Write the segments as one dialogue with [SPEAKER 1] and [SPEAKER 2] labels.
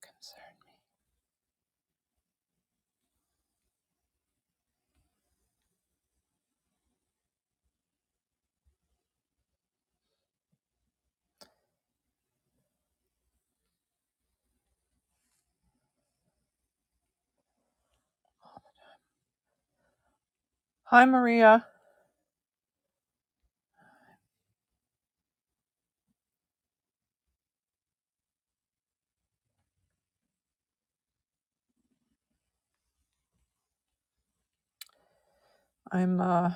[SPEAKER 1] concern me. Hi, Maria. I'm uh,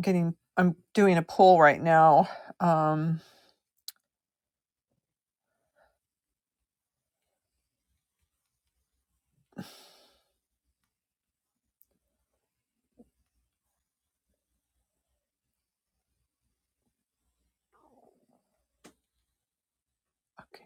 [SPEAKER 1] getting. I'm doing a poll right now. Um, okay.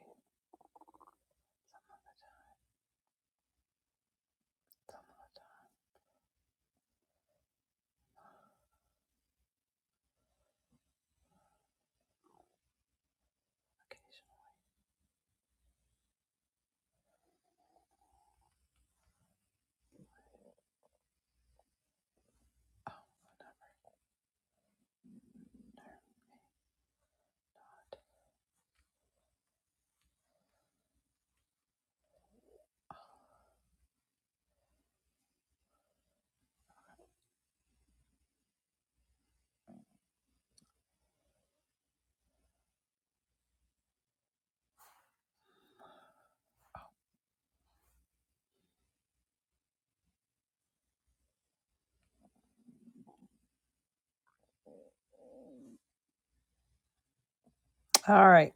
[SPEAKER 1] All right.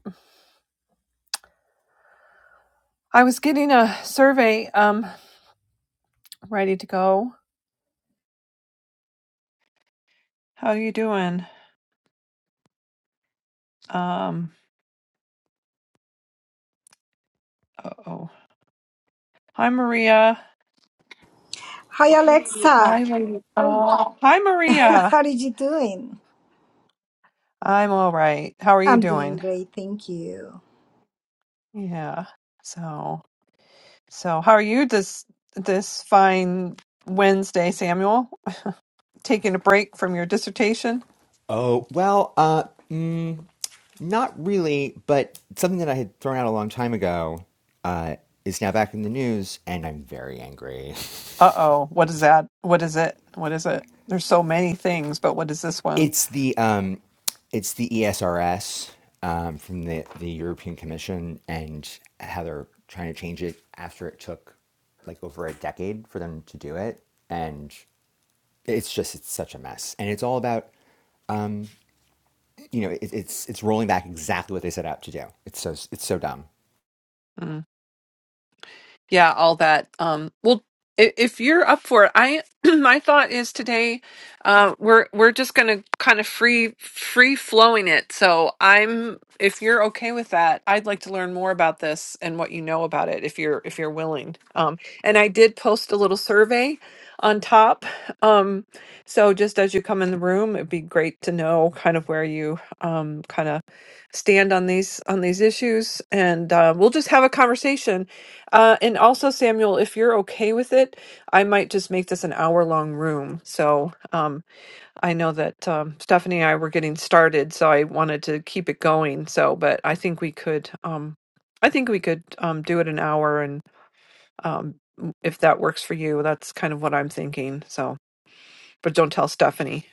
[SPEAKER 1] I was getting a survey. Um, ready to go. How you doing? Um. Uh oh. Hi, Maria.
[SPEAKER 2] Hi Alexa,
[SPEAKER 1] Hi, lady.
[SPEAKER 2] how
[SPEAKER 1] Oh hi, Maria.
[SPEAKER 2] how are you doing?
[SPEAKER 1] I'm all right. How are you
[SPEAKER 2] I'm doing
[SPEAKER 1] doing?
[SPEAKER 2] great, thank you.
[SPEAKER 1] Yeah. So. So, how are you this this fine Wednesday, Samuel? Taking a break from your dissertation?
[SPEAKER 3] Oh, well, uh, mm, not really, but something that I had thrown out a long time ago uh, is now back in the news, and I'm very angry.
[SPEAKER 1] Uh oh, what is that? What is it? What is it? There's so many things, but what is this one?
[SPEAKER 3] It's the um, it's the ESRS um, from the, the European Commission and how they're trying to change it after it took like over a decade for them to do it, and it's just it's such a mess, and it's all about um, you know it, it's it's rolling back exactly what they set out to do. It's so it's so dumb.
[SPEAKER 1] Hmm. yeah all that um well i- if you're up for it i my thought is today uh we're we're just gonna kind of free free flowing it so i'm if you're okay with that i'd like to learn more about this and what you know about it if you're if you're willing um and i did post a little survey on top um so just as you come in the room it'd be great to know kind of where you um kind of stand on these on these issues and uh, we'll just have a conversation uh, and also, Samuel, if you're okay with it, I might just make this an hour long room. So um, I know that um, Stephanie and I were getting started, so I wanted to keep it going. So, but I think we could, um, I think we could um, do it an hour, and um, if that works for you, that's kind of what I'm thinking. So, but don't tell Stephanie.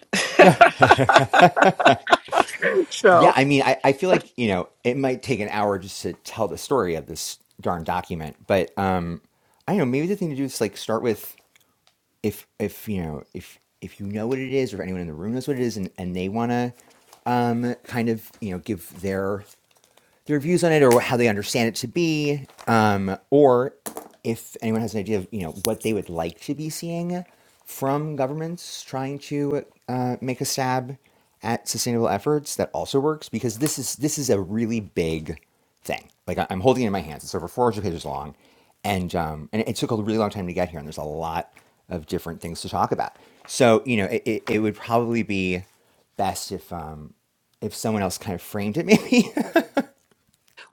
[SPEAKER 1] So.
[SPEAKER 3] Yeah, I mean, I, I feel like, you know, it might take an hour just to tell the story of this darn document, but um I don't know, maybe the thing to do is like start with if if you know, if if you know what it is or if anyone in the room knows what it is and, and they wanna um kind of, you know, give their their views on it or how they understand it to be, um, or if anyone has an idea of you know what they would like to be seeing from governments trying to uh, make a stab at sustainable efforts, that also works because this is this is a really big thing. Like I- I'm holding it in my hands. It's over 400 pages long, and um, and it took a really long time to get here. And there's a lot of different things to talk about. So you know, it, it, it would probably be best if um, if someone else kind of framed it maybe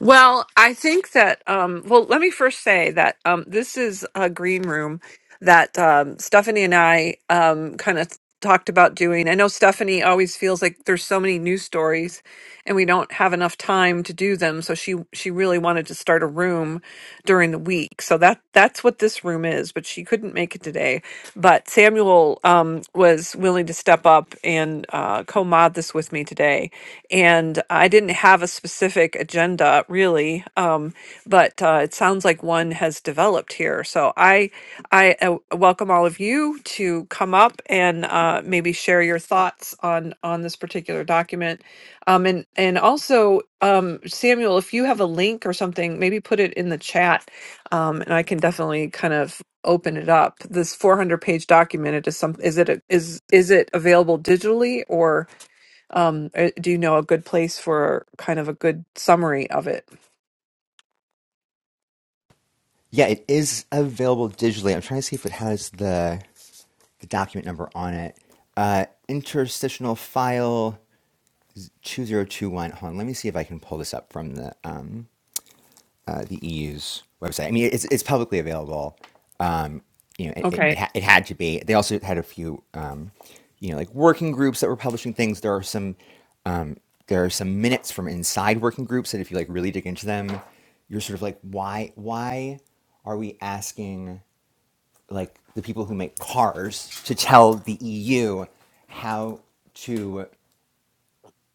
[SPEAKER 1] Well, I think that um well let me first say that um this is a green room that um Stephanie and I um kind of talked about doing. I know Stephanie always feels like there's so many news stories and we don't have enough time to do them, so she she really wanted to start a room during the week. So that that's what this room is, but she couldn't make it today. But Samuel um, was willing to step up and uh, co-mod this with me today. And I didn't have a specific agenda really, um, but uh, it sounds like one has developed here. So I I uh, welcome all of you to come up and uh, maybe share your thoughts on on this particular document, um, and and also um, Samuel, if you have a link or something, maybe put it in the chat, um, and I can definitely kind of open it up. This 400 page document it is some is it a, is is it available digitally or um, uh, do you know a good place for kind of a good summary of it?
[SPEAKER 3] Yeah, it is available digitally. I'm trying to see if it has the the document number on it. Uh, interstitial file 2021. Hold on, let me see if I can pull this up from the um, uh, the EU's website. I mean, it's it's publicly available. You know, it it, it
[SPEAKER 1] Okay.
[SPEAKER 3] ha- it had to be. They also had a few, um, you know, like working groups that were publishing things. There are some um, there are some minutes from inside working groups that if you like really dig into them, you're sort of like, why why are we asking? like the people who make cars to tell the EU how to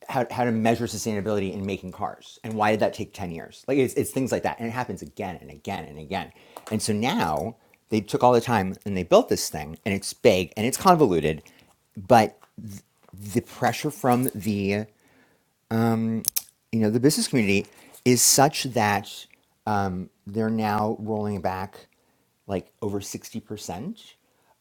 [SPEAKER 3] how, how to measure sustainability in making cars and why did that take 10 years like it's, it's things like that and it happens again and again and again and so now they took all the time and they built this thing and it's big and it's convoluted but the pressure from the you know the business community is such that um, they're now rolling back like over 60%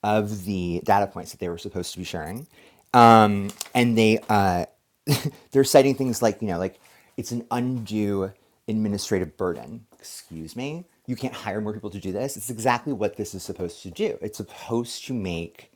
[SPEAKER 3] of the data points that they were supposed to be sharing um, and they uh, they're citing things like you know like it's an undue administrative burden excuse me you can't hire more people to do this it's exactly what this is supposed to do it's supposed to make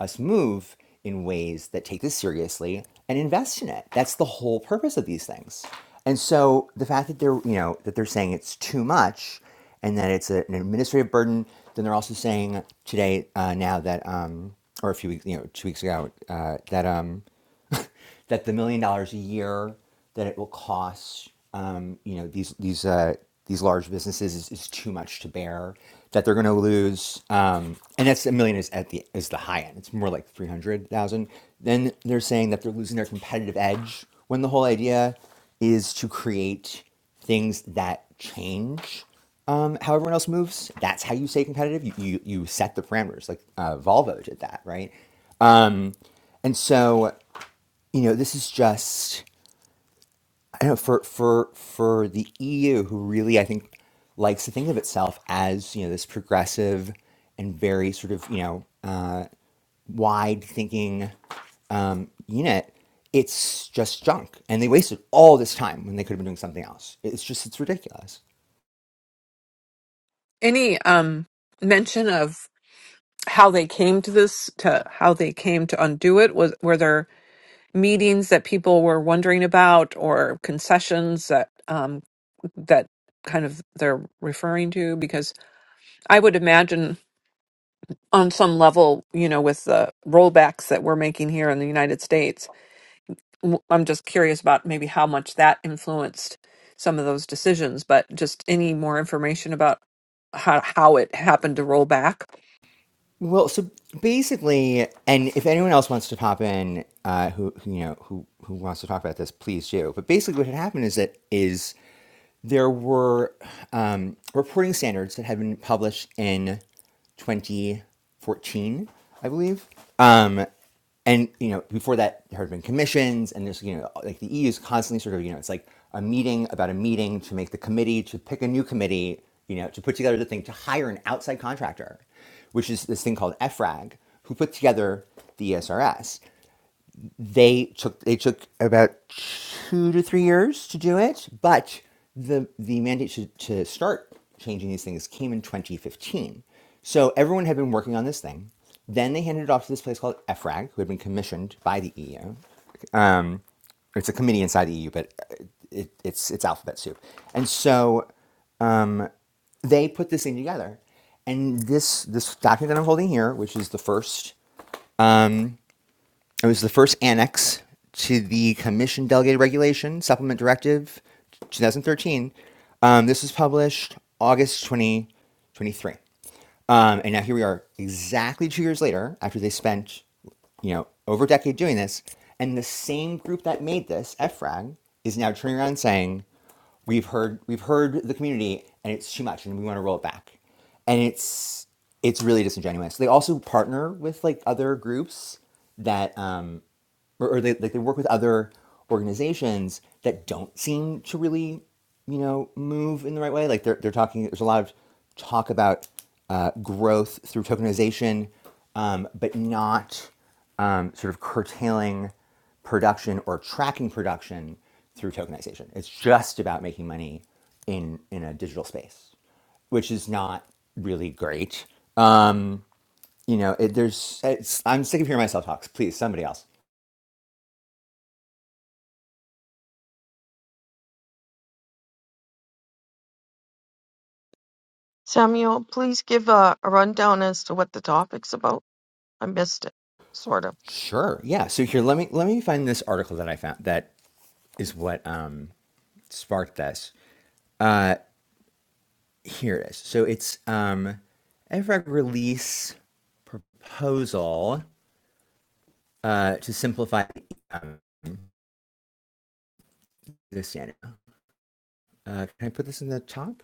[SPEAKER 3] us move in ways that take this seriously and invest in it. That's the whole purpose of these things. And so the fact that they're, you know, that they're saying it's too much and that it's a- an administrative burden, then they're also saying today, uh, now that, um, or a few weeks, you know, two weeks ago, uh, that, um, that the million dollars a year that it will cost, um, you know, these these uh, these large businesses is, is too much to bear. That they're going to lose, um, and that's a million is at the is the high end. It's more like three hundred thousand. Then they're saying that they're losing their competitive edge when the whole idea is to create things that change um, how everyone else moves. That's how you stay competitive. You, you, you set the parameters, like uh, Volvo did that, right? And so, you know, this is just I don't know for for for the EU, who really I think likes to think of itself as you know this progressive and very sort of you know uh, wide thinking um, unit. It's just junk, and they wasted all this time when they could have been doing something else. It's just it's ridiculous.
[SPEAKER 1] Any um mention of how they came to this to how they came to undo it was were there meetings that people were wondering about or concessions that um that kind of they're referring to because I would imagine on some level, you know, with the rollbacks that we're making here in the United States. W- I'm just curious about maybe how much that influenced some of those decisions, but just any more information about how how it happened to roll back.
[SPEAKER 3] Well, so basically, and if anyone else wants to pop in, uh, who, who you know who who wants to talk about this, please do. But basically, what had happened is that is there were um, reporting standards that had been published in 2014, I believe. Um, and you know, before that, there had been commissions, and there's you know, like the EU is constantly sort of you know, it's like a meeting about a meeting to make the committee to pick a new committee, you know, to put together the thing to hire an outside contractor, which is this thing called EFRAG, who put together the ESRS they took they took about two to three years to do it, but the the mandate to, to start changing these things came in 2015. So everyone had been working on this thing. Then they handed it off to this place called EFRAG, who had been commissioned by the EU. Um, it's a committee inside the EU, but uh, it, it's it's alphabet soup. And so they put this thing together, and this this document that I'm holding here, which is the first It was the first annex to the Commission Delegated Regulation Supplement Directive 2013. Um, this was published August 2023. Um, and now here we are, exactly two years later, after they spent, you know, over a decade doing this, and the same group that made this, EFRAG, is now turning around saying, we've heard we've heard the community and it's too much and we want to roll it back and it's it's really disingenuous they also partner with like other groups that um or, or they like they work with other organizations that don't seem to really you know move in the right way like they're, they're talking there's a lot of talk about uh, growth through tokenization um, but not um, sort of curtailing production or tracking production through tokenization it's just about making money in in a digital space which is not really great um, you know it, there's it's, i'm sick of hearing myself talks please somebody else
[SPEAKER 4] Samuel, please give a, a rundown as to what the topic's about. I missed it, sort of.
[SPEAKER 3] Sure. Yeah. So here, let me let me find this article that I found that is what um, sparked this. Uh, here it is. So it's um, EVRAG release proposal uh, to simplify um, the standard. Uh, can I put this in the top?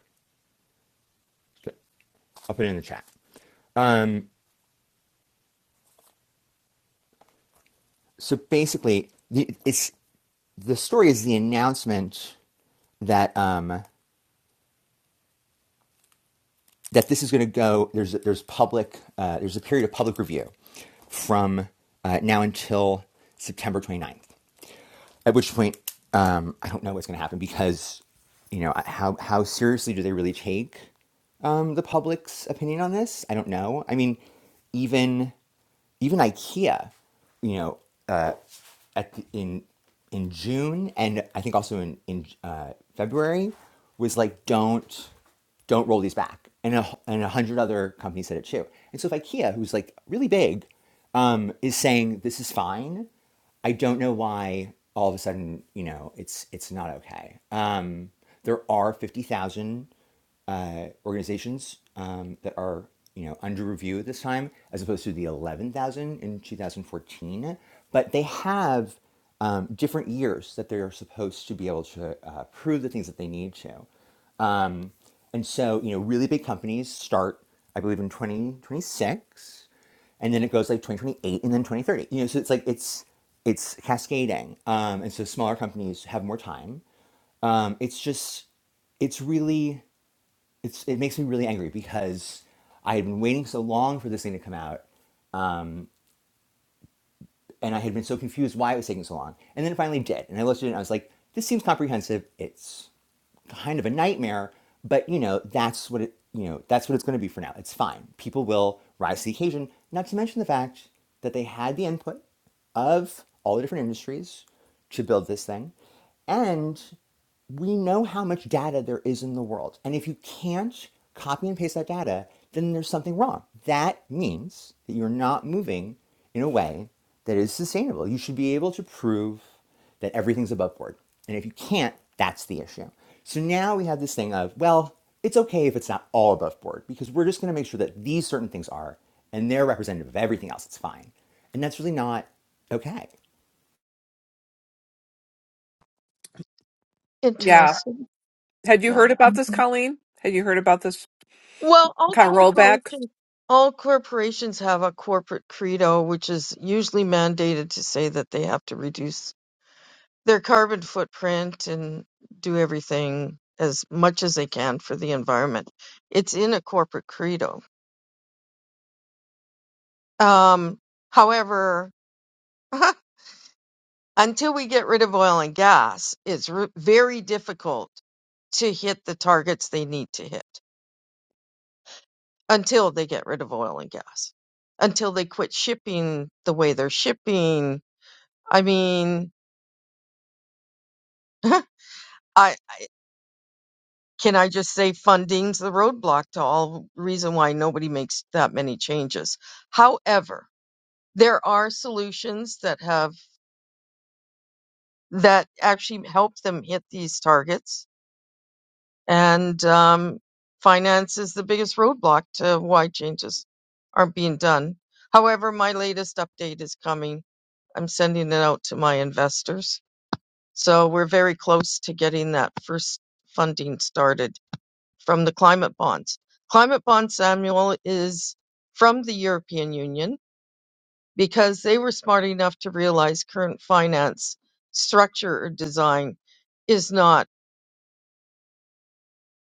[SPEAKER 3] Sure. I'll put it in the chat. Um, so basically, the, it's the story is the announcement that um, that this is going to go. There's there's public. Uh, there's a period of public review from uh, now until September twenty ninth. At which point, um, I don't know what's going to happen because you know how how seriously do they really take um, the public's opinion on this? I don't know. I mean, even even IKEA, you know at the, in in June and I think also in in uh, February was like don't don't roll these back and a, and a hundred other companies said it too and so if IKEA who's like really big um, is saying this is fine I don't know why all of a sudden you know it's it's not okay um, there are fifty thousand uh, organizations um, that are you know under review at this time, as opposed to the eleven thousand in two thousand fourteen. But they have um, different years that they are supposed to be able to uh, prove the things that they need to, and so you know really big companies start, I believe, in twenty twenty six, and then it goes like twenty twenty eight, and then twenty thirty. You know, so it's like it's it's cascading, um, and so smaller companies have more time. Um, it's just it's really it's it makes me really angry because I had been waiting so long for this thing to come out, and I had been so confused why it was taking so long, and then it finally did, and I looked at it and I was like, this seems comprehensive. It's kind of a nightmare, but you know, that's what it you know, that's what it's gonna be for now. It's fine. People will rise to the occasion, not to mention the fact that they had the input of all the different industries to build this thing. And we know how much data there is in the world. And if you can't copy and paste that data, then there's something wrong. That means that you're not moving in a way that is sustainable. You should be able to prove that everything's above board. And if you can't, that's the issue. So now we have this thing of, well, it's okay if it's not all above board because we're just going to make sure that these certain things are and they're representative of everything else. It's fine. And that's really not okay.
[SPEAKER 1] Yeah.
[SPEAKER 4] Interesting.
[SPEAKER 1] Had you
[SPEAKER 4] Yeah.
[SPEAKER 1] heard about this, Colleen? Had you heard about this
[SPEAKER 4] Well, all
[SPEAKER 1] kind of rollback?
[SPEAKER 4] corporations all corporations have a corporate credo, which is usually mandated to say that they have to reduce their carbon footprint and do everything as much as they can for the environment. It's in a corporate credo. Um, however, until we get rid of oil and gas, it's r- very difficult to hit the targets they need to hit until they get rid of oil and gas, until they quit shipping the way they're shipping. I mean, I, I can I just say funding's the roadblock to all reason why nobody makes that many changes. However, there are solutions that have that actually help them hit these targets and um, finance is the biggest roadblock to why changes aren't being done. However, my latest update is coming. I'm sending it out to my investors. So we're very close to getting that first funding started from the climate bonds. Climate bond, Samuel, is from the European Union because they were smart enough to realize current finance structure or design is not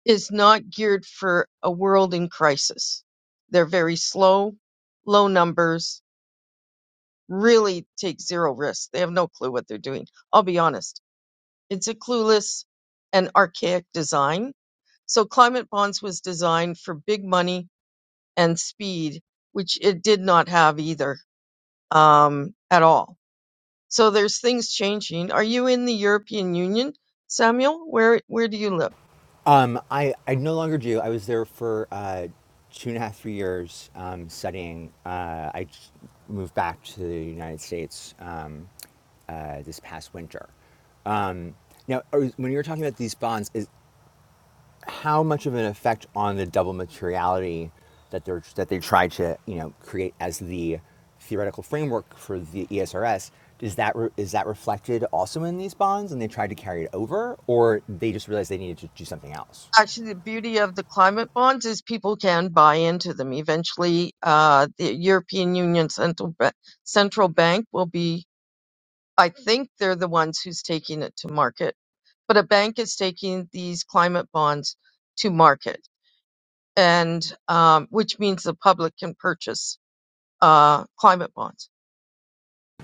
[SPEAKER 4] is not geared for a world in crisis. They're very slow, low numbers, really take zero risks. They have no clue what they're doing. I'll be honest. It's a clueless and archaic design. So climate bonds was designed for big money and speed, which it did not have either, um, at all. So there's things changing. Are you in the European Union, Samuel? Where, where do you live?
[SPEAKER 3] Um, I, I no longer do. I was there for uh, two and a half, three years um, studying. Uh, I j- moved back to the United States um, uh, this past winter. Um, now, when you were talking about these bonds, is, how much of an effect on the double materiality that they're that they try to you know create as the theoretical framework for the ESRS is that re- is that reflected also in these bonds and they tried to carry it over or they just realized they needed to do something else
[SPEAKER 4] Actually, the beauty of the climate bonds is people can buy into them. Eventually, uh, the European Union Central Ba- Central Bank will be, I think they're the ones who's taking it to market, but a bank is taking these climate bonds to market, and um, which means the public can purchase uh, climate bonds.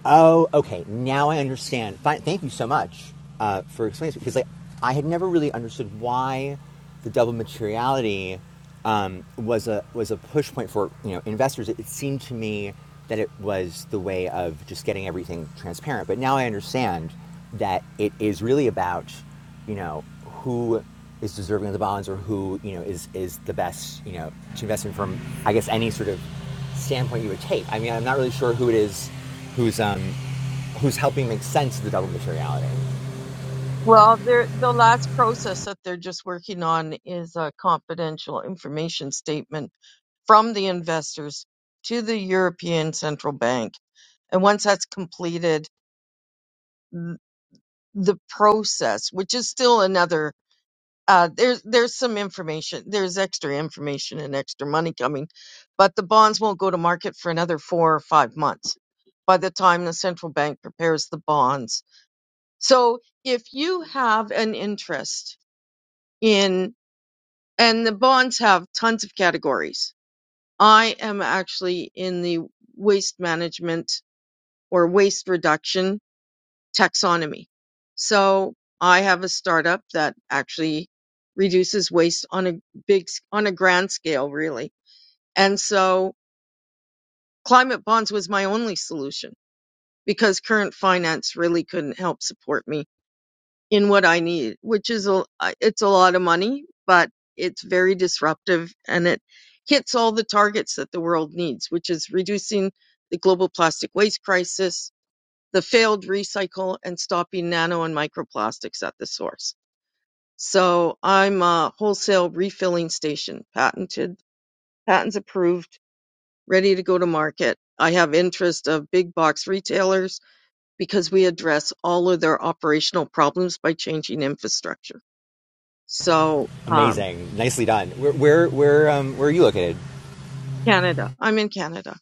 [SPEAKER 3] Oh, okay. Now I understand. Fine. Thank you so much uh, for explaining this because like I had never really understood why the double materiality um, was a was a push point for you know investors. It, it seemed to me that it was the way of just getting everything transparent. But now I understand that it is really about you know, who is deserving of the bonds or who, you know, is, is the best, you know, to invest in from, I guess, any sort of standpoint you would take. I mean, I'm not really sure who it is who's, um, who's helping make sense of the double materiality.
[SPEAKER 4] Well, they're, the last process that they're just working on is a confidential information statement from the investors to the European Central Bank. And once that's completed, th- the process, which is still another, uh, there's there's some information, there's extra information and extra money coming, but the bonds won't go to market for another four or five months by the time the central bank prepares the bonds. So if you have an interest and the bonds have tons of categories. I am actually in the waste management or waste reduction taxonomy. So I have a startup that actually reduces waste on a big, on a grand scale, really. And so climate bonds was my only solution because current finance really couldn't help support me in what I need, which is a, it's a lot of money, but it's very disruptive and it hits all the targets that the world needs, which is reducing the global plastic waste crisis, the failed recycle, and stopping nano and microplastics at the source. So I'm a wholesale refilling station, patented, patents approved, ready to go to market. I have interest of big box retailers because we address all of their operational problems by changing infrastructure. So, um,
[SPEAKER 3] Amazing. Nicely done. Where, where, where, um, where are you located?
[SPEAKER 4] Canada. I'm in Canada.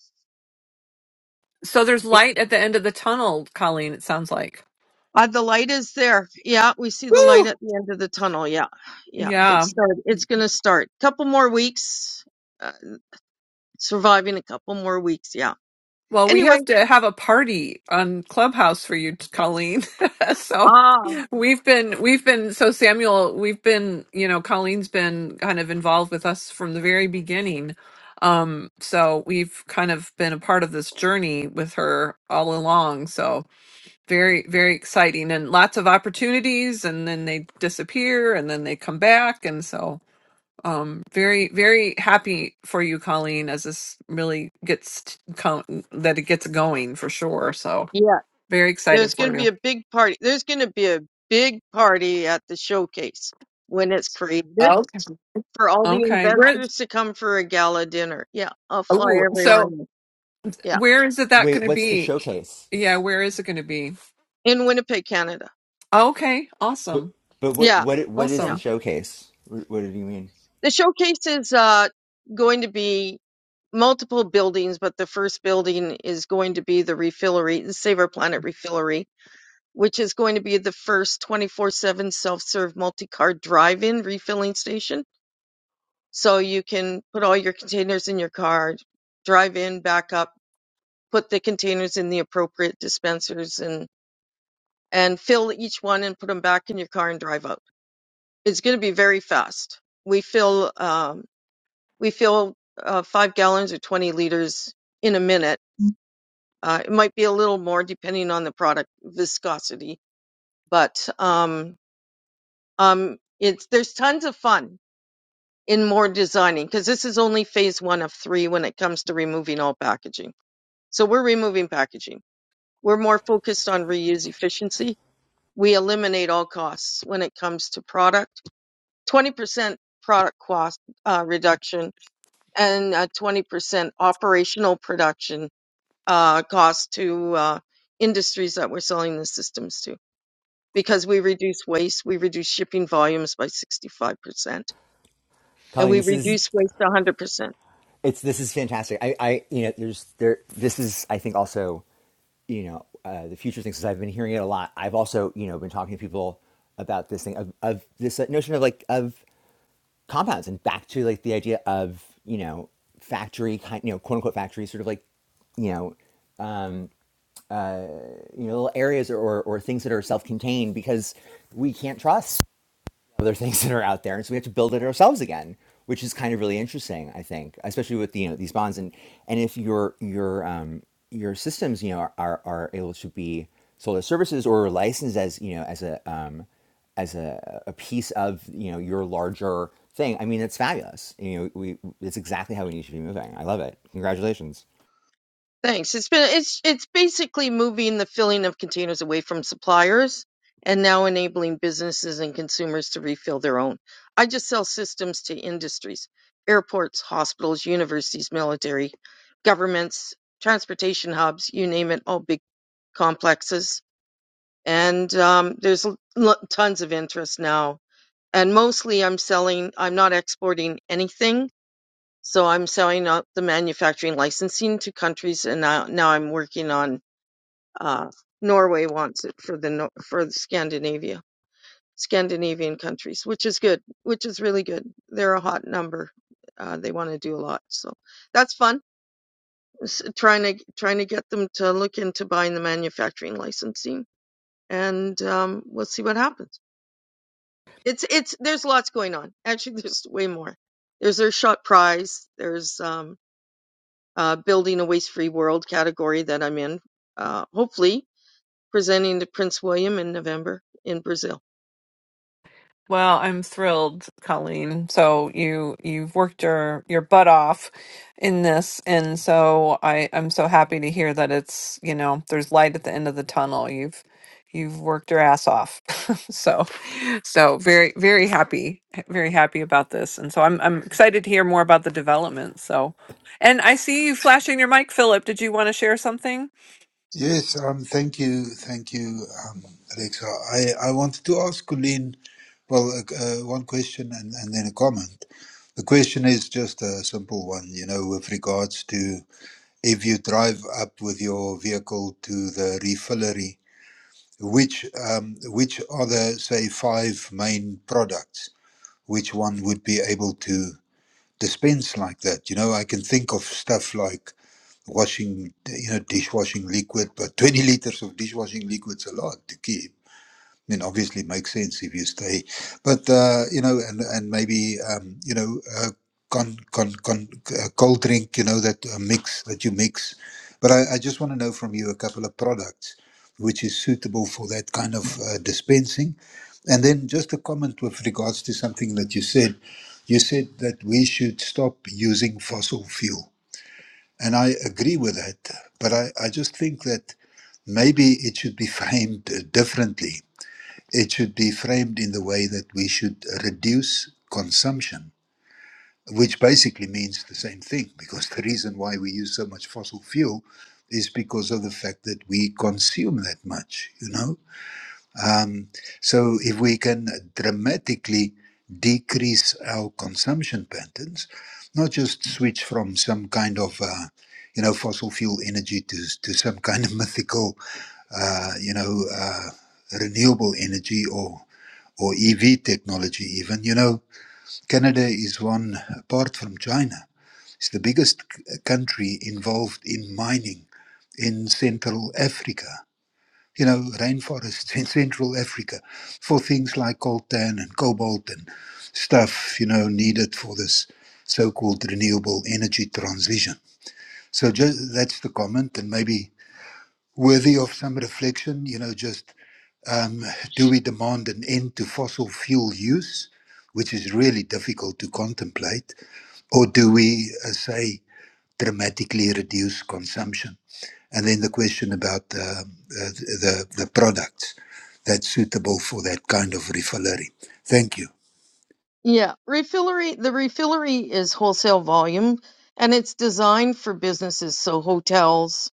[SPEAKER 1] So there's light at the end of the tunnel, Colleen, it sounds like.
[SPEAKER 4] Uh, the light is there. Yeah, we see the light
[SPEAKER 1] Woo!
[SPEAKER 4] at the end of the tunnel. Yeah, yeah. It
[SPEAKER 1] Yeah.
[SPEAKER 4] started. It's gonna start. Couple more weeks. Uh, surviving a couple more weeks. Yeah.
[SPEAKER 1] Well, we
[SPEAKER 4] Anyway.
[SPEAKER 1] have to have a party on Clubhouse for you, Colleen. so
[SPEAKER 4] Ah.
[SPEAKER 1] We've been, we've been, so Samuel, we've been, you know, Colleen's been kind of involved with us from the very beginning. Um, so we've kind of been a part of this journey with her all along. So very, very exciting and lots of opportunities. And then they disappear and then they come back. And so, um, very, very happy for you, Colleen, as this really gets, t- co- that it gets going for sure. So
[SPEAKER 4] Yeah.
[SPEAKER 1] very
[SPEAKER 4] There's
[SPEAKER 1] excited
[SPEAKER 4] gonna
[SPEAKER 1] for
[SPEAKER 4] be
[SPEAKER 1] you.
[SPEAKER 4] a big party. There's gonna be a big party at the showcase when it's created
[SPEAKER 1] Okay.
[SPEAKER 4] for all the
[SPEAKER 1] Okay. Where,
[SPEAKER 4] investors to come for a gala dinner. Yeah, I'll fly
[SPEAKER 1] Oh,
[SPEAKER 4] everyone.
[SPEAKER 1] so
[SPEAKER 4] in. Yeah,
[SPEAKER 1] where is it that
[SPEAKER 3] Wait,
[SPEAKER 1] going to
[SPEAKER 3] what's the
[SPEAKER 1] be?
[SPEAKER 3] showcase?
[SPEAKER 1] Yeah, where is it going to be?
[SPEAKER 4] in Winnipeg, Canada.
[SPEAKER 1] Okay,
[SPEAKER 3] But,
[SPEAKER 1] awesome,
[SPEAKER 3] but what,
[SPEAKER 4] Yeah.
[SPEAKER 3] what, what is
[SPEAKER 4] Yeah.
[SPEAKER 3] the
[SPEAKER 1] awesome.
[SPEAKER 3] showcase? What, what do you mean?
[SPEAKER 4] The showcase is uh, going to be multiple buildings, but the first building is going to be the refillery, the Save Our Planet refillery, which is going to be the first 24 7 self serve multi car drive in refilling station. So you can put all your containers in your car, drive in, back up, put the containers in the appropriate dispensers, and, and fill each one and put them back in your car and drive out. It's going to be very fast. We fill. um, We fill uh, five gallons or 20 liters in a minute. Uh, it might be a little more depending on the product viscosity, but um, um, it's there's tons of fun in more designing because this is only phase one of three when it comes to removing all packaging. So we're removing packaging. We're more focused on reuse efficiency. We eliminate all costs when it comes to product. 20% product cost uh, reduction and uh, 20% operational production uh, cost to uh, industries that we're selling the systems to because we reduce waste, we reduce shipping volumes by 65%, and
[SPEAKER 3] Colleen,
[SPEAKER 4] we
[SPEAKER 3] this is
[SPEAKER 4] reduce waste 100%.
[SPEAKER 3] it's this is fantastic. I, I you know there's there this is I think also you know uh, the future thing since I've been hearing it a lot. I've also you know been talking to people about this thing of, of this notion of like of compounds and back to like the idea of you know factory kind you know quote unquote factory sort of like you know um, you know little areas or, or or things that are self contained because we can't trust other things that are out there, and so we have to build it ourselves again, which is kind of really interesting, I think, especially with you know these bonds and and if your your um, your systems you know are, are able to be sold as services or licensed as you know as a um, as a, a piece of you know your larger thing. I mean, it's fabulous. You know, we it's exactly how we need to be moving. I love it. Congratulations.
[SPEAKER 4] Thanks. It's been it's it's basically moving the filling of containers away from suppliers and now enabling businesses and consumers to refill their own. I just sell systems to industries, airports, hospitals, universities, military, governments, transportation hubs, you name it, all big complexes. And um, there's l- l- tons of interest now. And mostly I'm selling, I'm not exporting anything. So I'm selling out the manufacturing licensing to countries, and now, now I'm working on uh, Norway wants it for the Nor- for the Scandinavia, Scandinavian countries, which is good, which is really good. They're a hot number. Uh, they want to do a lot, so that's fun. S- trying to trying to get them to look into buying the manufacturing licensing, and um, we'll see what happens. It's it's there's lots going on. Actually, there's way more. There's their shot prize. There's um, uh, building a waste free world category that I'm in. Uh, hopefully, presenting to Prince William in November in Brazil.
[SPEAKER 1] Well, I'm thrilled, Colleen. So you you've worked your your butt off in this, and so I I'm so happy to hear that it's you know there's light at the end of the tunnel. You've you've worked your ass off, so so very very happy very happy about this, and so I'm I'm excited to hear more about the development. So, and I see you flashing your mic, Philip. Did you want to share something?
[SPEAKER 5] Yes, um, thank you, thank you, um, Alexa. I, I wanted to ask Colleen, well, uh, uh, one question and, and then a comment. The question is just a simple one, you know, with regards to if you drive up with your vehicle to the refillery, which um, which are the say five main products which one would be able to dispense like that? You know, I can think of stuff like washing, you know, dishwashing liquid, but 20 liters of dishwashing liquid's a lot to keep. I mean, obviously, it makes sense if you stay, but uh, you know, and and maybe um, you know, uh, con, con, con, uh, cold drink, you know, that uh, mix that you mix. But I, I just want to know from you a couple of products which is suitable for that kind of uh, dispensing, and then just a comment with regards to something that you said. You said that we should stop using fossil fuel and I agree with that. But I, I just think that maybe it should be framed uh, differently. It should be framed in the way that we should reduce consumption, which basically means the same thing, because the reason why we use so much fossil fuel is because of the fact that we consume that much, you know? Um, so, if we can dramatically decrease our consumption patterns, not just switch from some kind of uh, you know fossil fuel energy to to some kind of mythical uh, you know uh, renewable energy or or EV technology, even you know Canada is one apart from China. It's the biggest c- country involved in mining in Central Africa you know, rainforests in Central Africa for things like coltan and cobalt and stuff, you know, needed for this so called renewable energy transition. So just, that's the comment, and maybe worthy of some reflection, you know, just um, do we demand an end to fossil fuel use, which is really difficult to contemplate, or do we, uh, say, dramatically reduce consumption? And then the question about um, uh, the, the, the products that's suitable for that kind of refinery. Thank you.
[SPEAKER 4] Yeah, refillery. The refillery is wholesale volume, and it's designed for businesses, so hotels,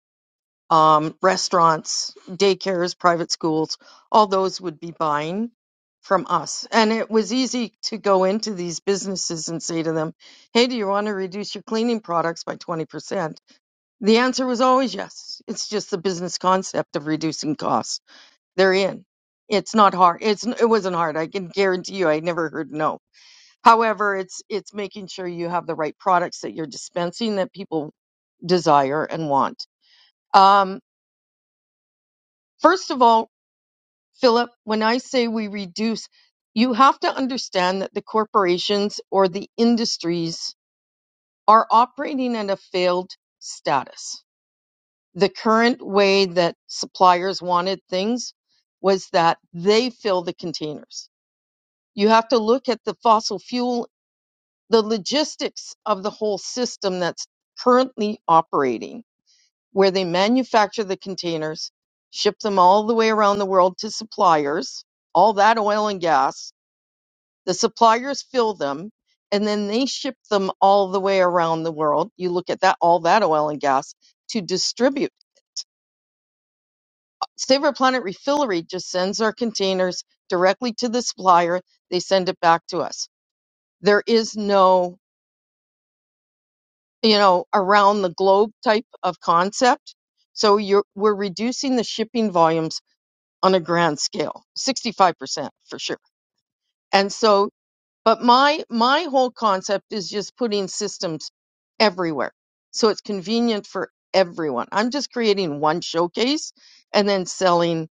[SPEAKER 4] um, restaurants, daycares, private schools, all those would be buying from us. And it was easy to go into these businesses and say to them, "Hey, do you want to reduce your cleaning products by twenty percent?" The answer was always yes. It's just the business concept of reducing costs. They're in. It's not hard. It's it wasn't hard. I can guarantee you. I never heard no. However, it's it's making sure you have the right products that you're dispensing that people desire and want. Um, first of all, Philip, when I say we reduce, you have to understand that the corporations or the industries are operating at a failed status. The current way that suppliers wanted things was that they fill the containers You have to look at the fossil fuel, the logistics of the whole system that's currently operating, where they manufacture the containers, ship them all the way around the world to suppliers, all that oil and gas. The suppliers fill them and then they ship them all the way around the world. You look at that, all that oil and gas to distribute. Save Our Planet Refillery just sends our containers directly to the supplier. They send it back to us. There is no you know, around the globe type of concept. So you're we're reducing the shipping volumes on a grand scale, 65% for sure. And so but my my whole concept is just putting systems everywhere. So it's convenient for everyone. I'm just creating one showcase and then selling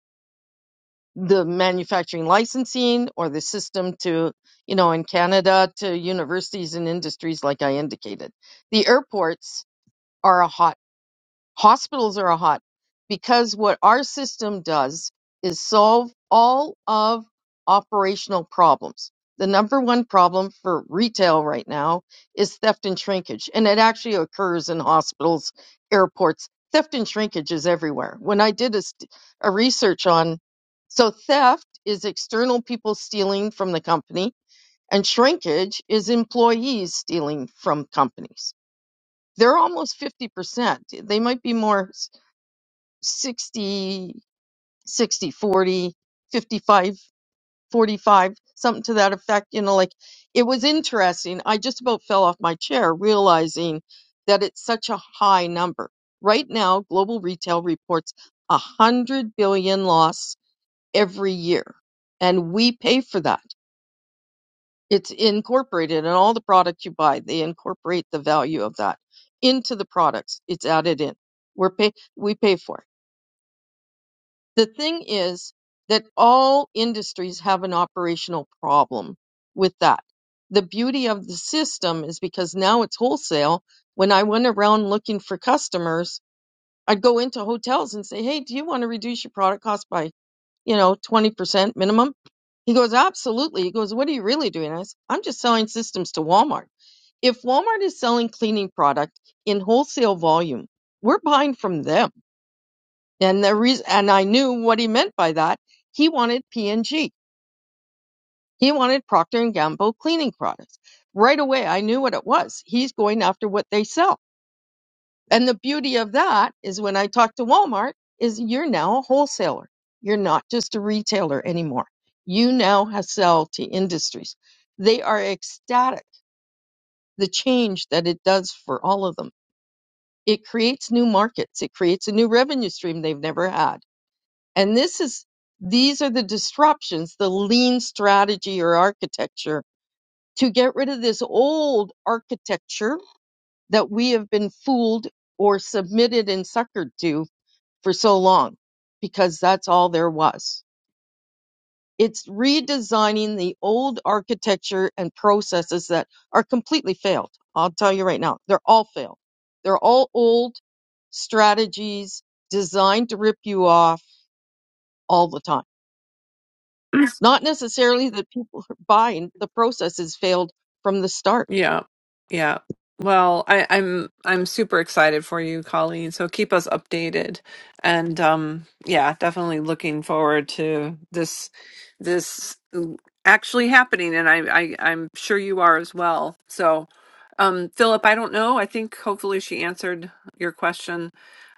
[SPEAKER 4] the manufacturing licensing or the system to, you know, in Canada to universities and industries like I indicated. The airports are a hotbed hospitals are hot because what our system does is solve all of operational problems. The number one problem for retail right now is theft and shrinkage, and it actually occurs in hospitals, airports. Theft and shrinkage is everywhere. When I did a, st- a research on, so theft is external people stealing from the company, and shrinkage is employees stealing from companies. They're almost 50%. They might be more 60, 60, 40, 55, 45, something to that effect you know like it was interesting i just about fell off my chair realizing that it's such a high number right now global retail reports a hundred billion loss every year and we pay for that it's incorporated in all the products you buy they incorporate the value of that into the products it's added in we're pay we pay for it The thing is that all industries have an operational problem with that. The beauty of the system is because now it's wholesale. When I went around looking for customers, I'd go into hotels and say, Hey, do you want to reduce your product cost by, you know, 20% minimum? He goes, Absolutely. He goes, What are you really doing? I said, I'm just selling systems to Walmart if Walmart is selling cleaning product in wholesale volume, we're buying from them. And the reason, and I knew what he meant by that. He wanted P&G. He wanted Procter and Gamble cleaning products. Right away, I knew what it was. He's going after what they sell. And the beauty of that is when I talk to Walmart is you're now a wholesaler. You're not just a retailer anymore. You now have sell to industries. They are ecstatic the change that it does for all of them. It creates new markets. It creates a new revenue stream they've never had And this is these are the disruptions, the lean strategy or architecture to get rid of this old architecture that we have been fooled or submitted and suckered to for so long because that's all there was. It's redesigning the old architecture and processes that are completely failed. I'll tell you right now, they're all failed. They're all old strategies designed to rip you off all the time It's not necessarily that people are buying, the process has failed from the start.
[SPEAKER 1] Yeah. Yeah. Well, I, I'm I'm super excited for you, Colleen. So keep us updated. And um yeah, definitely looking forward to this this actually happening and I, I I'm sure you are as well. So um Philip, I don't know. I think hopefully she answered your question.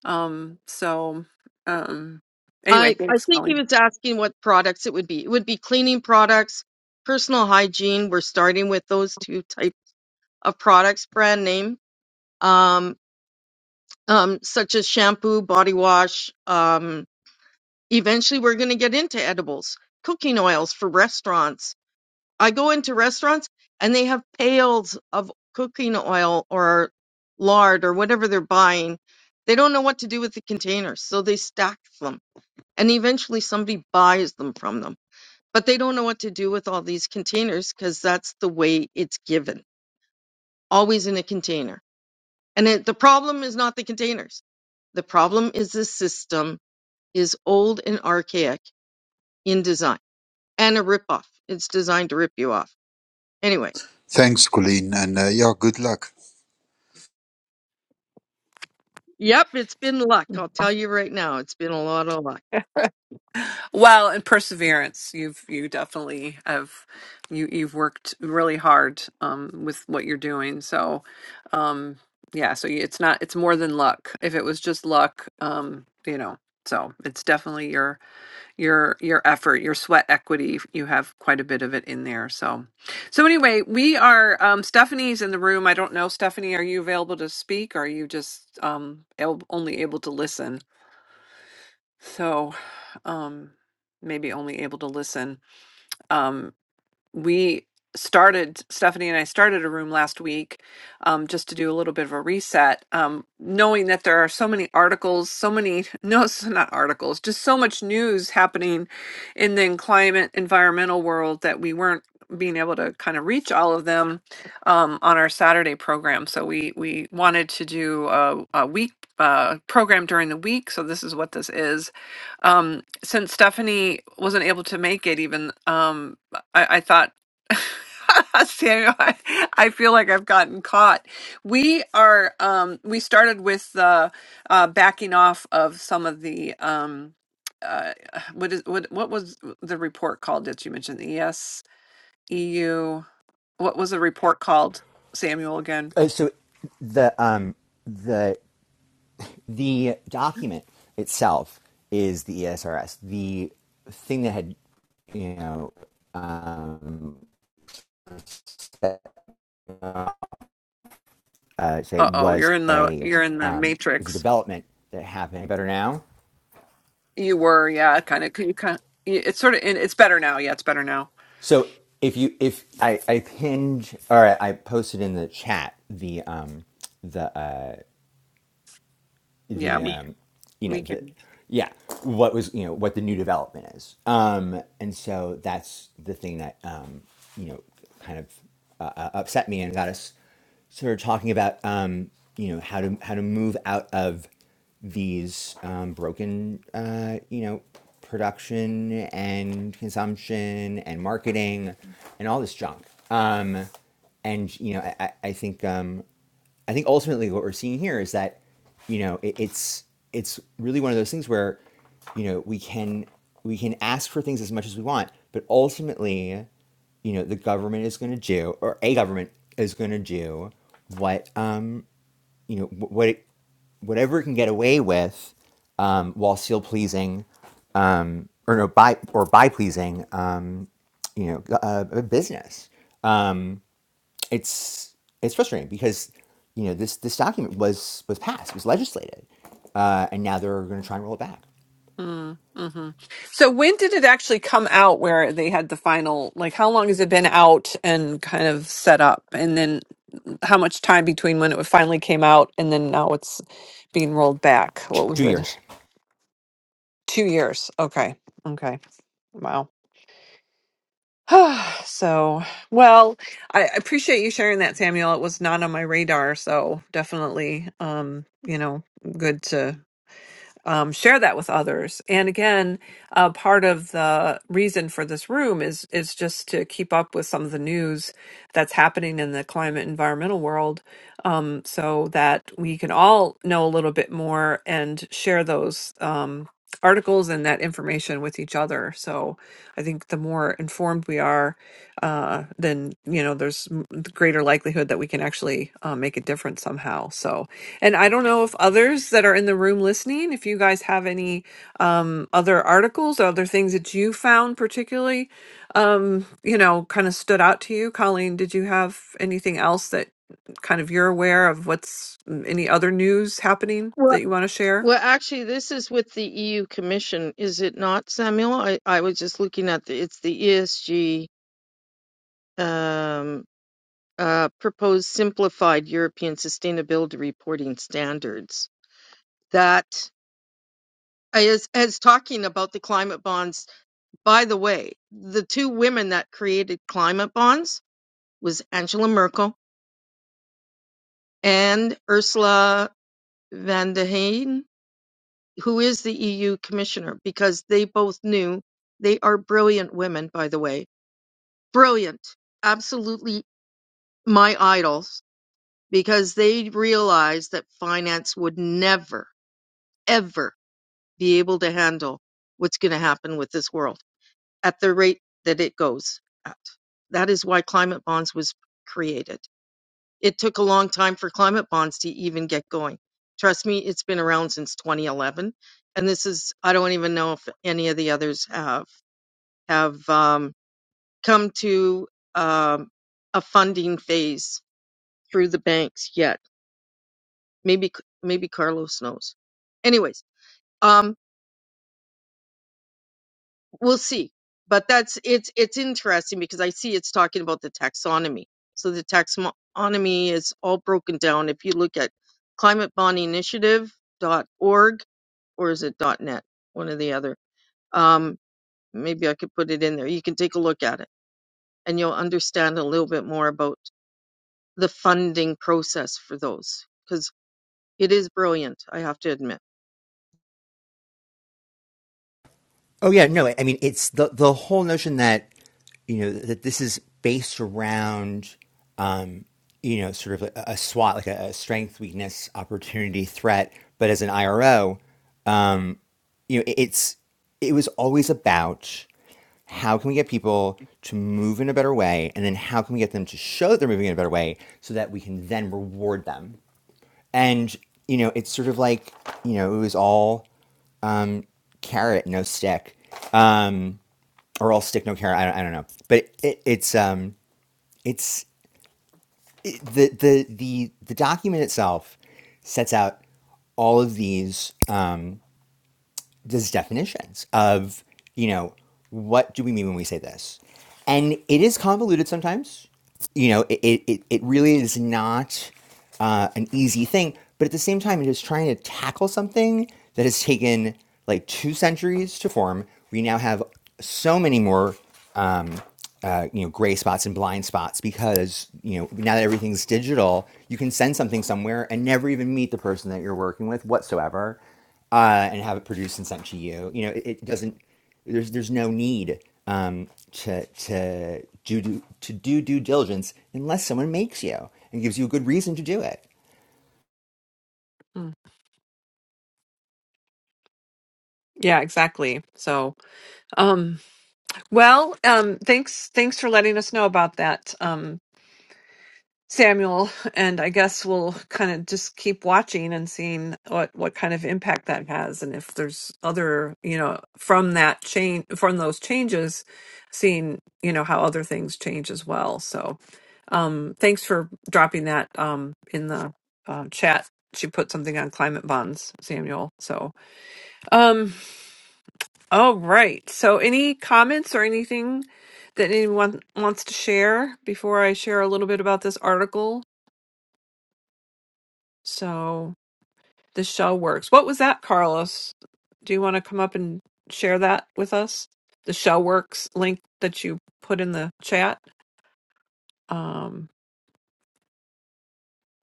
[SPEAKER 1] Um so um anyway,
[SPEAKER 4] I, I
[SPEAKER 1] thanks,
[SPEAKER 4] think he
[SPEAKER 1] Colleen.
[SPEAKER 4] was asking what products it would be. It would be cleaning products, personal hygiene. We're starting with those two type of products, brand name, um, um, such as shampoo, body wash. um, Eventually, we're going to get into edibles, cooking oils for restaurants. I go into restaurants and they have pails of cooking oil or lard or whatever they're buying. They don't know what to do with the containers, so they stack them. And eventually, somebody buys them from them. But they don't know what to do with all these containers because that's the way it's given, always in a container. And it, the problem is not the containers. The problem is the system is old and archaic in design. and a ripoff. It's designed to rip you off. Anyway,
[SPEAKER 5] Thanks, Colleen. And uh, yeah, good luck.
[SPEAKER 4] yep, it's been luck. I'll tell you right now, it's been a lot of luck.
[SPEAKER 1] Well, and perseverance. You've you definitely have you you've worked really hard um with what you're doing. So, um yeah, so you- it's not it's more than luck. If it was just luck, um you know, so it's definitely your your your effort your sweat equity you have quite a bit of it in there so so anyway we are um stephanie's in the room i don't know stephanie are you available to speak or are you just um el- only able to listen so um maybe only able to listen Um, we started stephanie and i started a room last week um, just to do a little bit of a reset um, knowing that there are so many articles so many no it's not articles just so much news happening in the climate environmental world that we weren't being able to kind of reach all of them um, on our saturday program so we we wanted to do a, a week uh, program during the week so this is what this is um, since stephanie wasn't able to make it even um, I, I thought, Samuel, I, I feel like I've gotten caught. We are, um, we started with the uh, backing off of some of the, um, uh, what is what what was the report called that you mentioned? ES, EU. What was the report called, Samuel? Again.
[SPEAKER 3] Uh, so the um the The
[SPEAKER 1] Mm.
[SPEAKER 3] document itself is the ESRS. The thing that had, you know, um, uh, say
[SPEAKER 1] Uh-oh,
[SPEAKER 3] was
[SPEAKER 1] you're in the
[SPEAKER 3] a
[SPEAKER 1] you're in the
[SPEAKER 3] um, was a
[SPEAKER 1] matrix.
[SPEAKER 3] development that happened better now.
[SPEAKER 1] You were, yeah, kind of you kind of, it's sort of it's better now. Yeah, it's better now.
[SPEAKER 3] So if you if I, I pinned or I posted in the chat the um,
[SPEAKER 1] Yeah.
[SPEAKER 3] the
[SPEAKER 1] we-
[SPEAKER 3] um, you know the yeah what was you know what the new development is um, and so that's the thing that um, you know kind of uh, uh, upset me and got us sort of talking about um, you know how to how to move out of these um, broken uh, you know production and consumption and marketing and all this junk um, and you know I, I I think um, I think ultimately what we're seeing here is that, you know, it, it's it's really one of those things where, you know, we can we can ask for things as much as we want, but ultimately, you know, the government is going to do, or a government is going to do what, um, you know, what it, whatever it can get away with, um, while still pleasing, um, or no, by or by pleasing, um, you know, uh, business. Um, it's it's frustrating because you know this this document was was passed, was legislated, uh, and now they're going to try and roll it back.
[SPEAKER 1] Mm, hmm So when did it actually come out where they had the final, like how long has it been out and kind of set up? And then how much time between when it finally came out and then now it's being rolled back? What was
[SPEAKER 3] Two
[SPEAKER 1] it?
[SPEAKER 3] years.
[SPEAKER 1] Two years. Okay. Okay. Wow. so, well, I I appreciate you sharing that, Samuel. It was not on my radar, so definitely, um, you know, good to um, share that with others. And again, uh, part of the reason for this room is is just to keep up with some of the news that's happening in the climate environmental world, um, so that we can all know a little bit more and share those. Um, articles and that information with each other so i think the more informed we are uh then you know there's m- greater likelihood that we can actually uh, make a difference somehow so and I don't know if others that are in the room listening, if you guys have any um, other articles, other things that you found particularly, um, you know, kind of stood out to you. Colleen, did you have anything else that kind of you're aware of what's mm, any other news happening
[SPEAKER 4] Well,
[SPEAKER 1] that you want to share?
[SPEAKER 4] well, actually, this is with the EU Commission, is it not, Samuel? I, I was just looking at the, it's the ESG um, uh, proposed simplified European sustainability reporting standards that is, is talking about the climate bonds. By the way, the two women that created climate bonds was Angela Merkel and Ursula van de Heyen, who is the EU commissioner, because they both knew they are brilliant women, by the way. Brilliant. Absolutely my idols, because they realized that finance would never, ever be able to handle what's going to happen with this world at the rate that it goes at. That is why climate bonds was created. It took a long time for climate bonds to even get going. Trust me, it's been around since 2011, and this is I don't even know if any of the others have have um, come to um, a funding phase through the banks yet. Maybe maybe Carlos knows. Anyways, um, we'll see but that's it's it's interesting because i see it's talking about the taxonomy so the taxonomy is all broken down if you look at climatebondinitiative.org or is it net one or the other um maybe i could put it in there you can take a look at it and you'll understand a little bit more about the funding process for those because it is brilliant i have to admit
[SPEAKER 3] Oh yeah, no, I mean it's the the whole notion that you know that this is based around um, you know sort of a, a SWOT, like a, a strength, weakness, opportunity, threat, but as an IRO. you know, it- it's it was always about how can we get people to move in a better way, and then how can we get them to show that they're moving in a better way, so that we can then reward them. And you know, it's sort of like you know, it was all um, carrot, no stick, um, or all stick, no carrot. I don't, I don't know, but it, it's um, it's it, the the the the document itself sets out all of these. Um, these definitions of, you know, what do we mean when we say this? And it is convoluted sometimes. You know, it, it, it- really is not uh, an easy thing. But at the same time, it is trying to tackle something that has taken like two centuries to form. We now have so many more, um, uh, you know, gray spots and blind spots because, you know, now that everything's digital, you can send something somewhere and never even meet the person that you're working with whatsoever uh, and have it produced and sent to you. You know, it, it doesn't. There's there's no need um, to to do, do to do due diligence unless someone makes you and gives you a good reason to do it.
[SPEAKER 1] Mm. Yeah, exactly. So, um, well, um, thanks, thanks for letting us know about that. Um, Samuel, and I guess we'll kind of just keep watching and seeing what what kind of impact that has, and if there's other, you know, from that change, from those changes, seeing you know how other things change as well. So, um, thanks for dropping that um, in the uh, chat. She put something on climate bonds, Samuel. So, um, all right. So, any comments or anything that anyone wants to share before I share a little bit about this article So the show works. What was that, Carlos? Do you want to come up and share that with us? The show works link that you put in the chat. Um,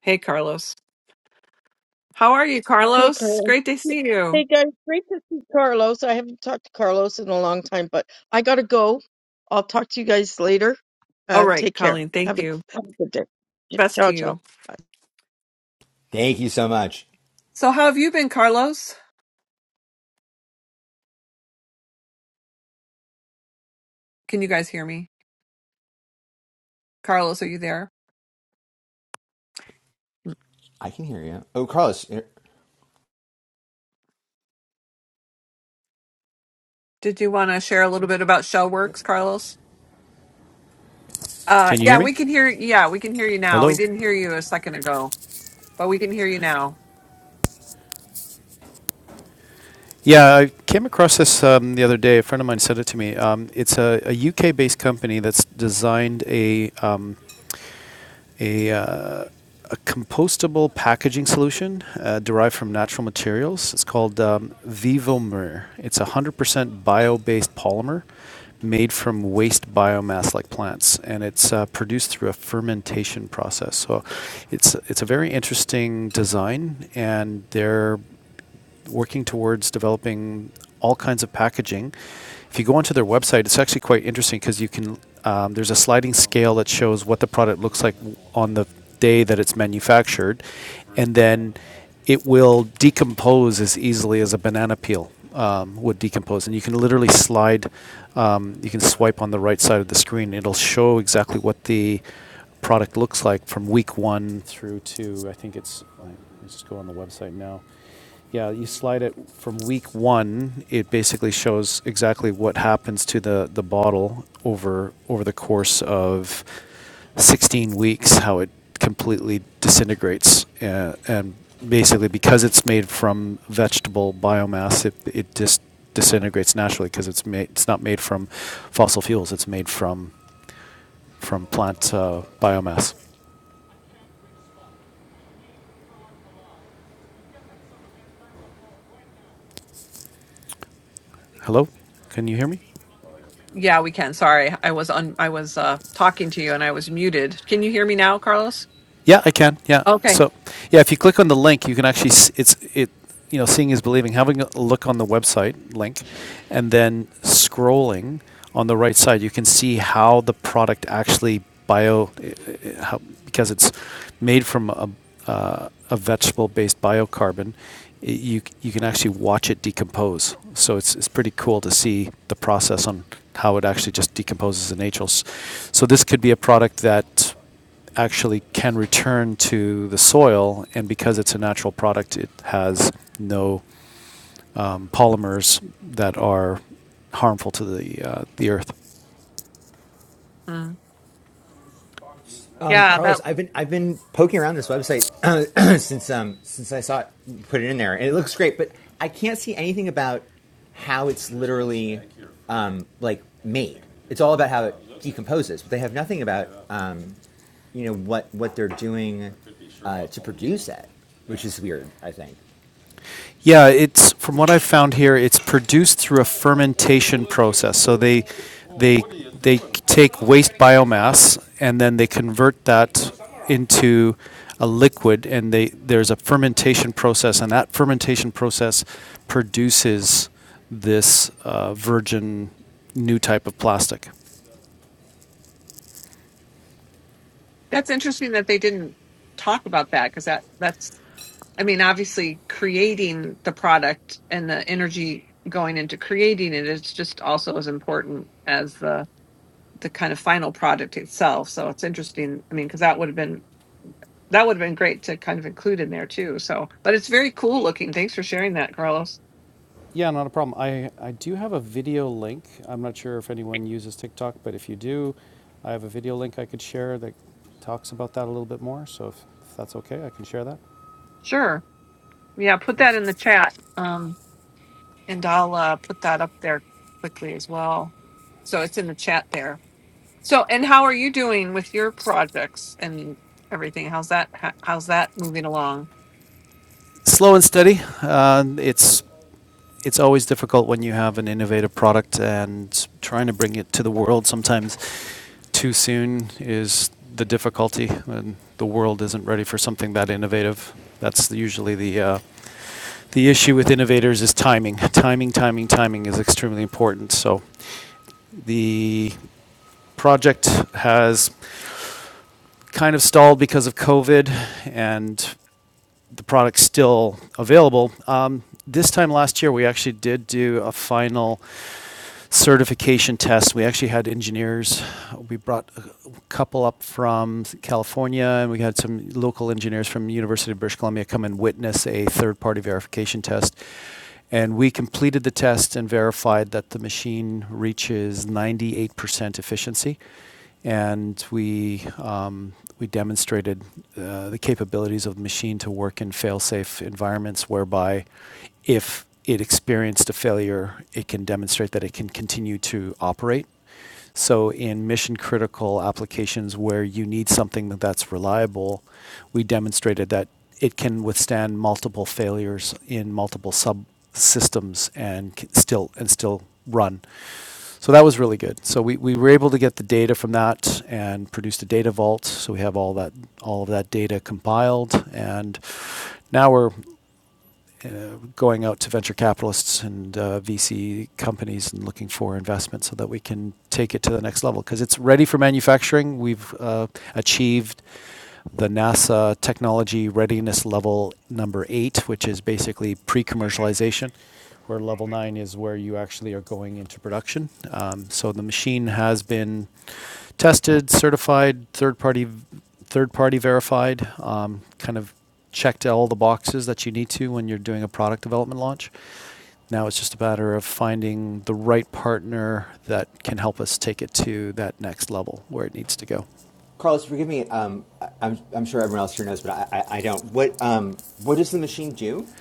[SPEAKER 1] hey, Carlos. How are you,
[SPEAKER 4] Hey,
[SPEAKER 1] Carlos?
[SPEAKER 4] Carlos.
[SPEAKER 1] Great to see you.
[SPEAKER 4] Hey, guys. Great to see Carlos. I haven't talked to Carlos in a long time, but I gotta go. I'll talk to you guys later.
[SPEAKER 1] All
[SPEAKER 4] Uh,
[SPEAKER 1] right,
[SPEAKER 4] take care.
[SPEAKER 1] Colleen. Thank
[SPEAKER 4] Have a
[SPEAKER 1] you.
[SPEAKER 4] have a good day.
[SPEAKER 1] Best to
[SPEAKER 4] Ciao, ciao.
[SPEAKER 1] you.
[SPEAKER 4] Bye.
[SPEAKER 3] Thank you so much.
[SPEAKER 1] So, how have you been, Carlos? Can you guys hear me? Carlos, are you there?
[SPEAKER 3] I can hear you. Oh, Carlos.
[SPEAKER 1] Did you want to share a little bit about show works, Carlos? Uh,
[SPEAKER 6] Can you hear
[SPEAKER 1] yeah,
[SPEAKER 6] me?
[SPEAKER 1] we can hear. Yeah, we can hear you now.
[SPEAKER 6] Hello?
[SPEAKER 1] We didn't hear you a second ago, but we can hear you now.
[SPEAKER 6] Yeah, I came across this um, the other day. A friend of mine sent it to me. Um, it's a, UK-based company that's designed a um, a, uh, a compostable packaging solution uh, derived from natural materials. It's called um, Vivomer. It's a 100% bio-based polymer made from waste biomass like plants, and it's uh, produced through a fermentation process. So, it's it's a very interesting design, and they're working towards developing all kinds of packaging. If you go onto their website, it's actually quite interesting because you can. Um, there's a sliding scale that shows what the product looks like on the day that it's manufactured, and then it will decompose as easily as a banana peel um, would decompose. And you can literally slide, um, you can swipe on the right side of the screen. It'll show exactly what the product looks like from week one through to, I think it's, let us just go on the website now. Yeah, you slide it from week one. It basically shows exactly what happens to the, the bottle over over the course of 16 weeks, how it completely disintegrates. Uh, and basically, because it's made from vegetable biomass, it, it just disintegrates naturally because it's made it's not made from fossil fuels. It's made from from plant uh, biomass. Hello, can you hear me?
[SPEAKER 1] Yeah, we can. Sorry. I was on I was uh talking to you and I was muted. Can you hear me now, Carlos?
[SPEAKER 6] Yeah, I can. Yeah.
[SPEAKER 1] Okay.
[SPEAKER 6] So, yeah, if you click on the link, you can actually s- it's it you know seeing is believing. Having a look on the website link, and then scrolling on the right side, you can see how the product actually bio eh, eh, how, because it's made from a uh, a vegetable based biocarbon. i you you can actually watch it decompose. So it's it's pretty cool to see the process on how it actually just decomposes in nature. So this could be a product that actually can return to the soil, and because it's a natural product, it has no um, polymers that are harmful to the uh, the earth.
[SPEAKER 1] Mm.
[SPEAKER 3] Um,
[SPEAKER 1] Yeah, that
[SPEAKER 3] Carlos, I've been I've been poking around this website uh, since um since I saw it put it in there, and it looks great, but I can't see anything about how it's literally um like made. It's all about how it decomposes, but they have nothing about um you know what what they're doing uh, to produce it, which is weird. I think.
[SPEAKER 6] Yeah, it's from what I've found here. It's produced through a fermentation process. So they they they take waste biomass and then they convert that into a liquid, and they there's a fermentation process, and that fermentation process produces this uh, virgin new type of plastic.
[SPEAKER 1] that's interesting that they didn't talk about that because that that's I mean, obviously creating the product and the energy going into creating it is just also as important as the the kind of final product itself. So it's interesting. I mean, because that would have been that would have been great to kind of include in there too. So, but it's very cool looking. Thanks for sharing that, Carlos.
[SPEAKER 6] Yeah, not a problem. I, I do have a video link. I'm not sure if anyone uses TikTok, but if you do, I have a video link I could share that talks about that a little bit more. So if, if that's okay, I can share that.
[SPEAKER 1] Sure. Yeah, put
[SPEAKER 6] Okay.
[SPEAKER 1] that in the chat. Um, and I'll uh, put that up there quickly as well. So it's in the chat there. So, and how are you doing with your projects and everything? How's that? ho- How's that moving along?
[SPEAKER 6] Slow and steady. Uh, it's it's always difficult when you have an innovative product and trying to bring it to the world. Sometimes too soon is the difficulty, and the world isn't ready for something that innovative. That's usually the uh, The issue with innovators is timing. Timing, timing, timing is extremely important. So the project has kind of stalled because of COVID and the product's still available. Um, this time last year, we actually did do a final certification tests. We actually had engineers. We brought a couple up from California, and we had some local engineers from University of British Columbia come and witness a third-party verification test. And we completed the test and verified that the machine reaches 98% efficiency and we um, we demonstrated uh, the capabilities of the machine to work in fail-safe environments, whereby if it experienced a failure, it can demonstrate that it can continue to operate. So, in mission critical applications where you need something that's reliable, we demonstrated that it can withstand multiple failures in multiple subsystems and still and still run. So that was really good. So we, we were able to get the data from that and produced a data vault. So we have all that all of that data compiled, and now we're uh, going out to venture capitalists and uh, VC companies and looking for investment so that we can take it to the next level because it's ready for manufacturing. We've uh, achieved the NASA technology readiness level number eight, which is basically pre commercialization, where level nine is where you actually are going into production. Um, so the machine has been tested, certified, third party, third party verified, um, kind of checked all the boxes that you need to when you're doing a product development launch. Now it's just a matter of finding the right partner that can help us take it to that next level where it needs to go.
[SPEAKER 3] Carlos, forgive me. Um, I, I'm I'm sure everyone else here knows, but I I, I don't. What um what does the machine do?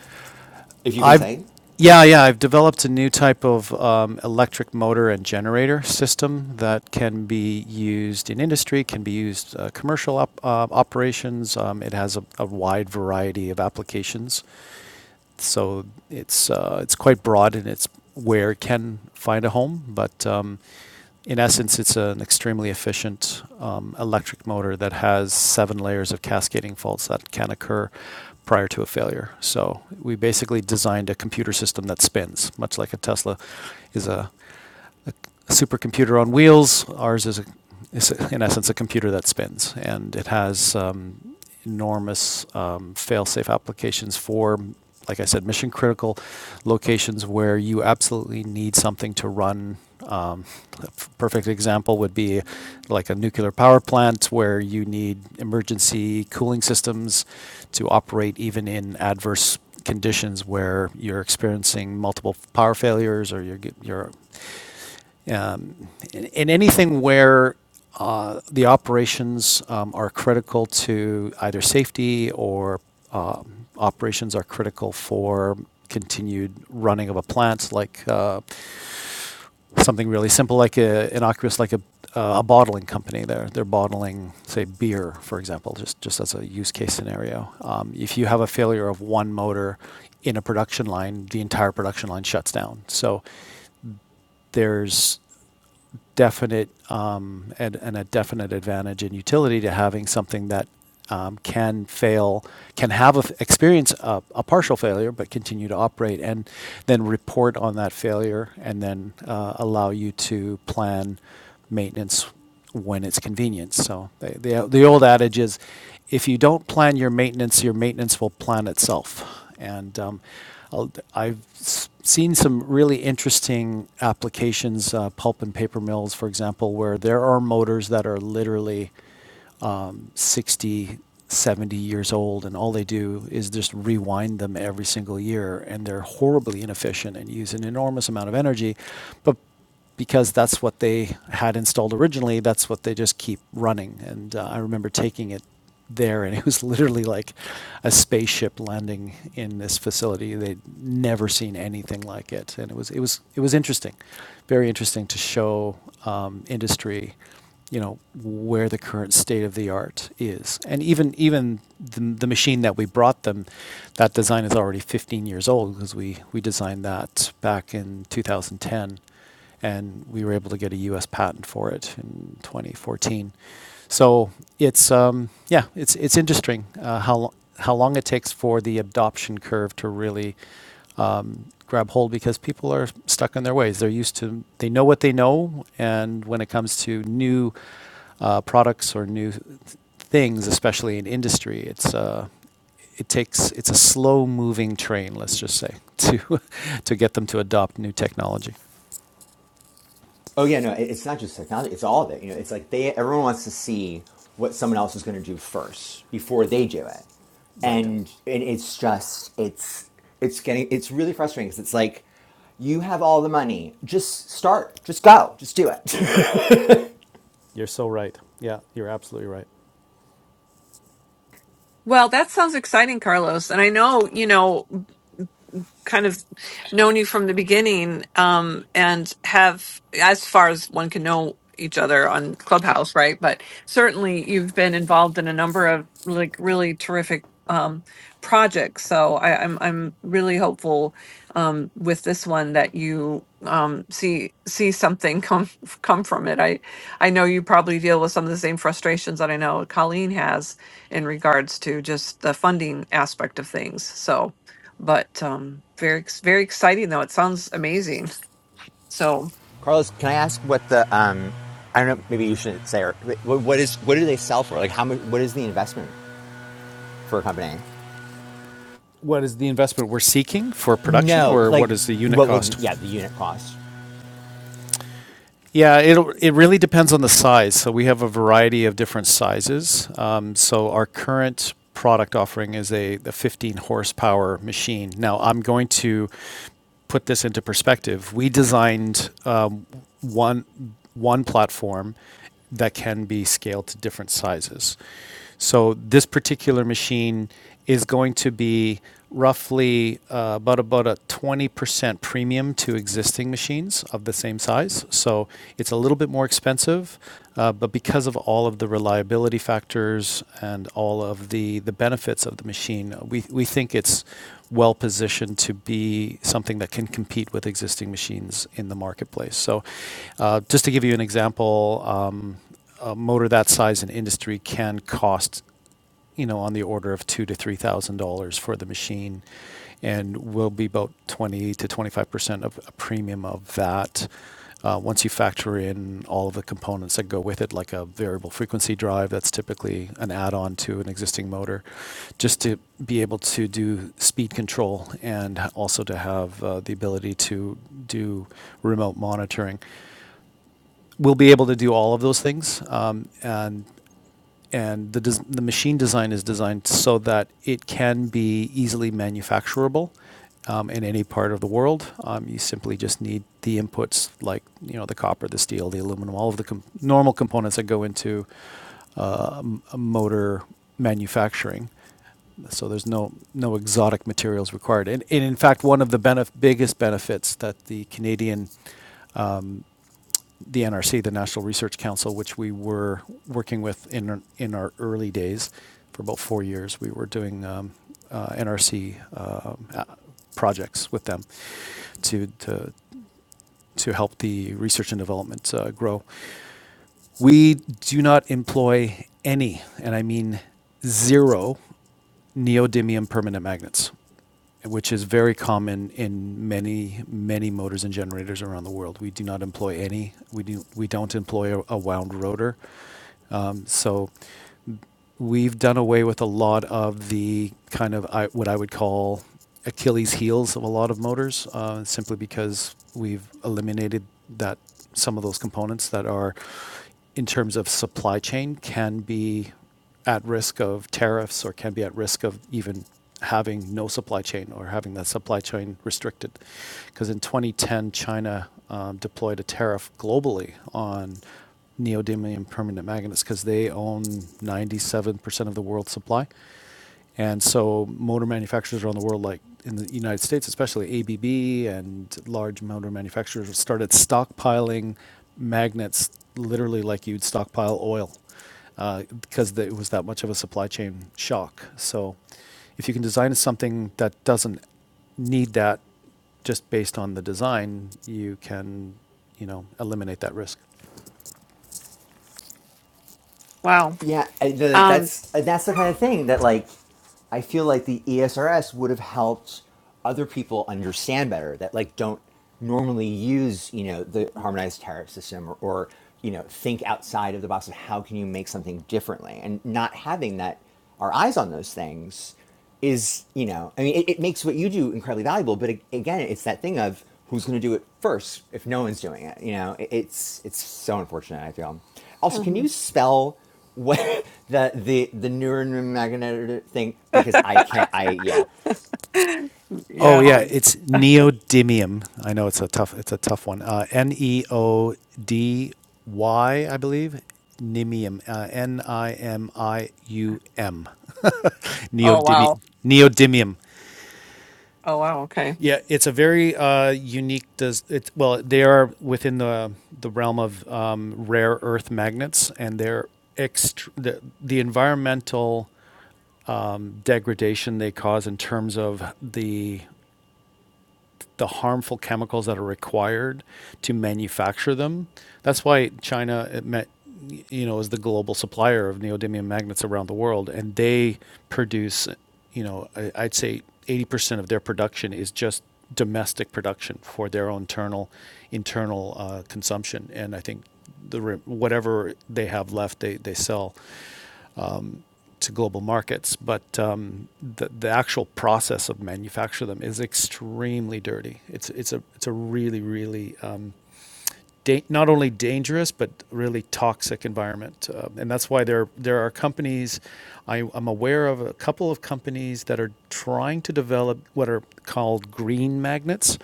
[SPEAKER 3] If you can
[SPEAKER 6] I've,
[SPEAKER 3] say.
[SPEAKER 6] yeah, yeah, I've developed a new type of um, electric motor and generator system that can be used in industry, can be used uh, commercial op- uh, operations. Um, it has a, a wide variety of applications. so it's uh, it's quite broad and it's where it can find a home. But um, in essence, it's an extremely efficient um, electric motor that has seven layers of cascading faults that can occur prior to a failure. So we basically designed a computer system that spins, much like a Tesla is a a supercomputer on wheels. Ours is, a, is a, in essence a computer that spins, and it has um, enormous um, fail-safe applications for, like I said, mission-critical locations where you absolutely need something to run. Um, a f- perfect example would be like a nuclear power plant where you need emergency cooling systems to operate even in adverse conditions where you're experiencing multiple power failures or you're, you're um, in in anything where uh, the operations um, are critical to either safety or um, operations are critical for continued running of a plant, like uh, something really simple, like a, innocuous, like a, uh, a bottling company. They're, they're bottling, say, beer, for example, just, just as a use case scenario. Um, if you have a failure of one motor in a production line, the entire production line shuts down. So there's definite um, and, and a definite advantage and utility to having something that um, can fail, can have a f experience a, a partial failure, but continue to operate, and then report on that failure, and then uh, allow you to plan maintenance when it's convenient. So the, the, the old adage is, if you don't plan your maintenance, your maintenance will plan itself. And um, I'll- I've s- seen some really interesting applications, uh, pulp and paper mills, for example, where there are motors that are literally um, 60, 70 years old, and all they do is just rewind them every single year, and they're horribly inefficient and use an enormous amount of energy. But because that's what they had installed originally, that's what they just keep running. And uh, I remember taking it there, and it was literally like a spaceship landing in this facility. They'd never seen anything like it, and it was it was it was interesting, very interesting to show um, industry you know where the current state of the art is and even even the, the machine that we brought them that design is already 15 years old because we we designed that back in 2010 and we were able to get a US patent for it in 2014 so it's um, yeah it's it's interesting uh, how lo- how long it takes for the adoption curve to really grab hold because people are stuck in their ways. They're used to, they know what they know, and when it comes to new uh, products or new th- things, especially in industry, it's uh, it takes it's a slow-moving train. Let's just say to to get them to adopt new technology.
[SPEAKER 3] Oh yeah, no, it's not just technology; it's all of it. You know, it's like they everyone wants to see what someone else is going to do first before they do it,
[SPEAKER 6] Right.
[SPEAKER 3] and and it's just it's it's getting it's really frustrating because it's like you have all the money, just start, just go, just do it.
[SPEAKER 6] You're so right. Yeah, you're absolutely right.
[SPEAKER 1] Well, that sounds exciting, Carlos. And I know, you know, kind of known you from the beginning um and have as far as one can know each other on clubhouse right but certainly you've been involved in a number of like really terrific um projects so I, i'm i'm really hopeful um with this one that you um see see something come come from it i i know you probably deal with some of the same frustrations that i know colleen has in regards to just the funding aspect of things so but um very ex- very exciting though it sounds amazing so
[SPEAKER 3] Carlos, can I ask what the um I don't know, maybe you should say or what is what do they sell for? Like how much? What is the investment for a company?
[SPEAKER 6] What is the investment we're seeking for production,
[SPEAKER 3] No,
[SPEAKER 6] or
[SPEAKER 3] like
[SPEAKER 6] what is the unit
[SPEAKER 3] what will the,
[SPEAKER 6] cost?
[SPEAKER 3] yeah the unit cost?
[SPEAKER 6] Yeah, it'll, it really depends on the size. So we have a variety of different sizes. Um, so our current product offering is a, a 15 horsepower machine. Now I'm going to put this into perspective. We designed um, one one platform that can be scaled to different sizes. So this particular machine is going to be roughly uh, about about a 20% premium to existing machines of the same size. So it's a little bit more expensive, uh, but because of all of the reliability factors and all of the the benefits of the machine, we we think it's well positioned to be something that can compete with existing machines in the marketplace. So, uh, just to give you an example, um, a motor that size in industry can cost you know, on the order of two to three thousand dollars for the machine, and will be about twenty to twenty-five percent of a premium of that. Uh, once you factor in all of the components that go with it, like a variable frequency drive, that's typically an add-on to an existing motor, just to be able to do speed control and also to have uh, the ability to do remote monitoring we'll be able to do all of those things. Um, and and the, des- the machine design is designed so that it can be easily manufacturable um, in any part of the world. Um, you simply just need the inputs like you know the copper, the steel, the aluminum, all of the com- normal components that go into uh, motor manufacturing. So there's no no exotic materials required, and, and in fact, one of the benef- biggest benefits that the Canadian um, the NRC, the National Research Council, which we were working with in in our early days for about four years. We were doing um, uh, NRC um, uh, uh, projects with them to to to help the research and development uh, grow. We do not employ any, and I mean zero, neodymium permanent magnets which is very common in many, many motors and generators around the world. We do not employ any. We do. We don't employ a, a wound rotor. Um, so we've done away with a lot of the kind of I, what I would call Achilles heels of a lot of motors, uh, simply because we've eliminated that some of those components that are, in terms of supply chain, can be at risk of tariffs or can be at risk of even having no supply chain or having that supply chain restricted. Because in 2010, China um, deployed a tariff globally on neodymium permanent magnets because they own 97% of the world's supply. And so motor manufacturers around the world, like in the United States, especially ABB and large motor manufacturers, started stockpiling magnets, literally like you'd stockpile oil, uh, because it was that much of a supply chain shock. So if you can design something that doesn't need that just based on the design, you can, you know, eliminate that risk.
[SPEAKER 1] wow
[SPEAKER 3] Yeah, and the,
[SPEAKER 1] um
[SPEAKER 3] that's and that's the kind of thing that like I feel like the ESRS would have helped other people understand better that like don't normally use you know the harmonized tariff system or, or you know think outside of the box of how can you make something differently and not having that our eyes on those things is you know i mean it, it makes what you do incredibly valuable but a- again it's that thing of who's going to do it first if no one's doing it you know It- it's it's so unfortunate i feel also can you
[SPEAKER 1] mhm.
[SPEAKER 3] spell what the the the neuromagnetic thing because I can't I yeah.
[SPEAKER 6] Oh
[SPEAKER 1] yeah
[SPEAKER 6] yeah, it's neodymium. I know it's a tough it's a tough one. Uh, N e o d y, I believe. Nimium. Uh, N i m i u m.
[SPEAKER 1] oh
[SPEAKER 6] Neodymium.
[SPEAKER 1] wow
[SPEAKER 6] Neodymium.
[SPEAKER 1] oh wow okay
[SPEAKER 6] Yeah, it's a very uh, unique. Does it? Well, they are within the the realm of um, rare earth magnets, and they're ext- the, the environmental degradation they cause in terms of the the harmful chemicals that are required to manufacture them. That's why China it met, you know, is the global supplier of neodymium magnets around the world, and they produce, you know, I, I'd say 80% of their production is just domestic production for their own internal internal uh, consumption, and I think the whatever they have left, they they sell to global markets, but um, the, the actual process of manufacture them is extremely dirty. It's it's a it's a really really um, da- not only dangerous but really toxic environment. Uh, and that's why there there are companies. I, I'm aware of a couple of companies that are trying to develop what are called green magnets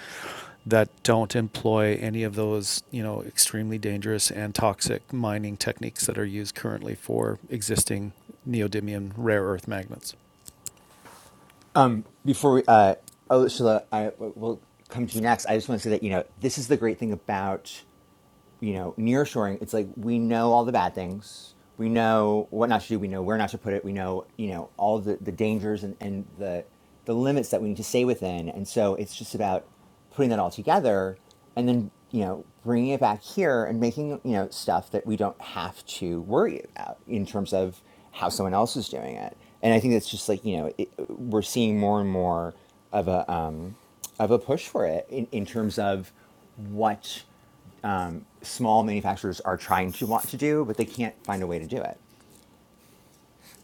[SPEAKER 6] that don't employ any of those you know extremely dangerous and toxic mining techniques that are used currently for existing neodymium rare earth magnets.
[SPEAKER 3] Um before we uh oh Sheila I will come to you next. I just want to say that you know this is the great thing about you know, nearshoring, it's like we know all the bad things. We know what not to do. We know where not to put it. We know, you know, all the, the dangers and, and the the limits that we need to stay within. And so it's just about putting that all together and then, you know, bringing it back here and making, you know, stuff that we don't have to worry about in terms of how someone else is doing it. And I think that's just like, you know, it, we're seeing more and more of a, um, of a push for it in, in terms of what um, small manufacturers are trying to want to do, but they can't find a way to do it.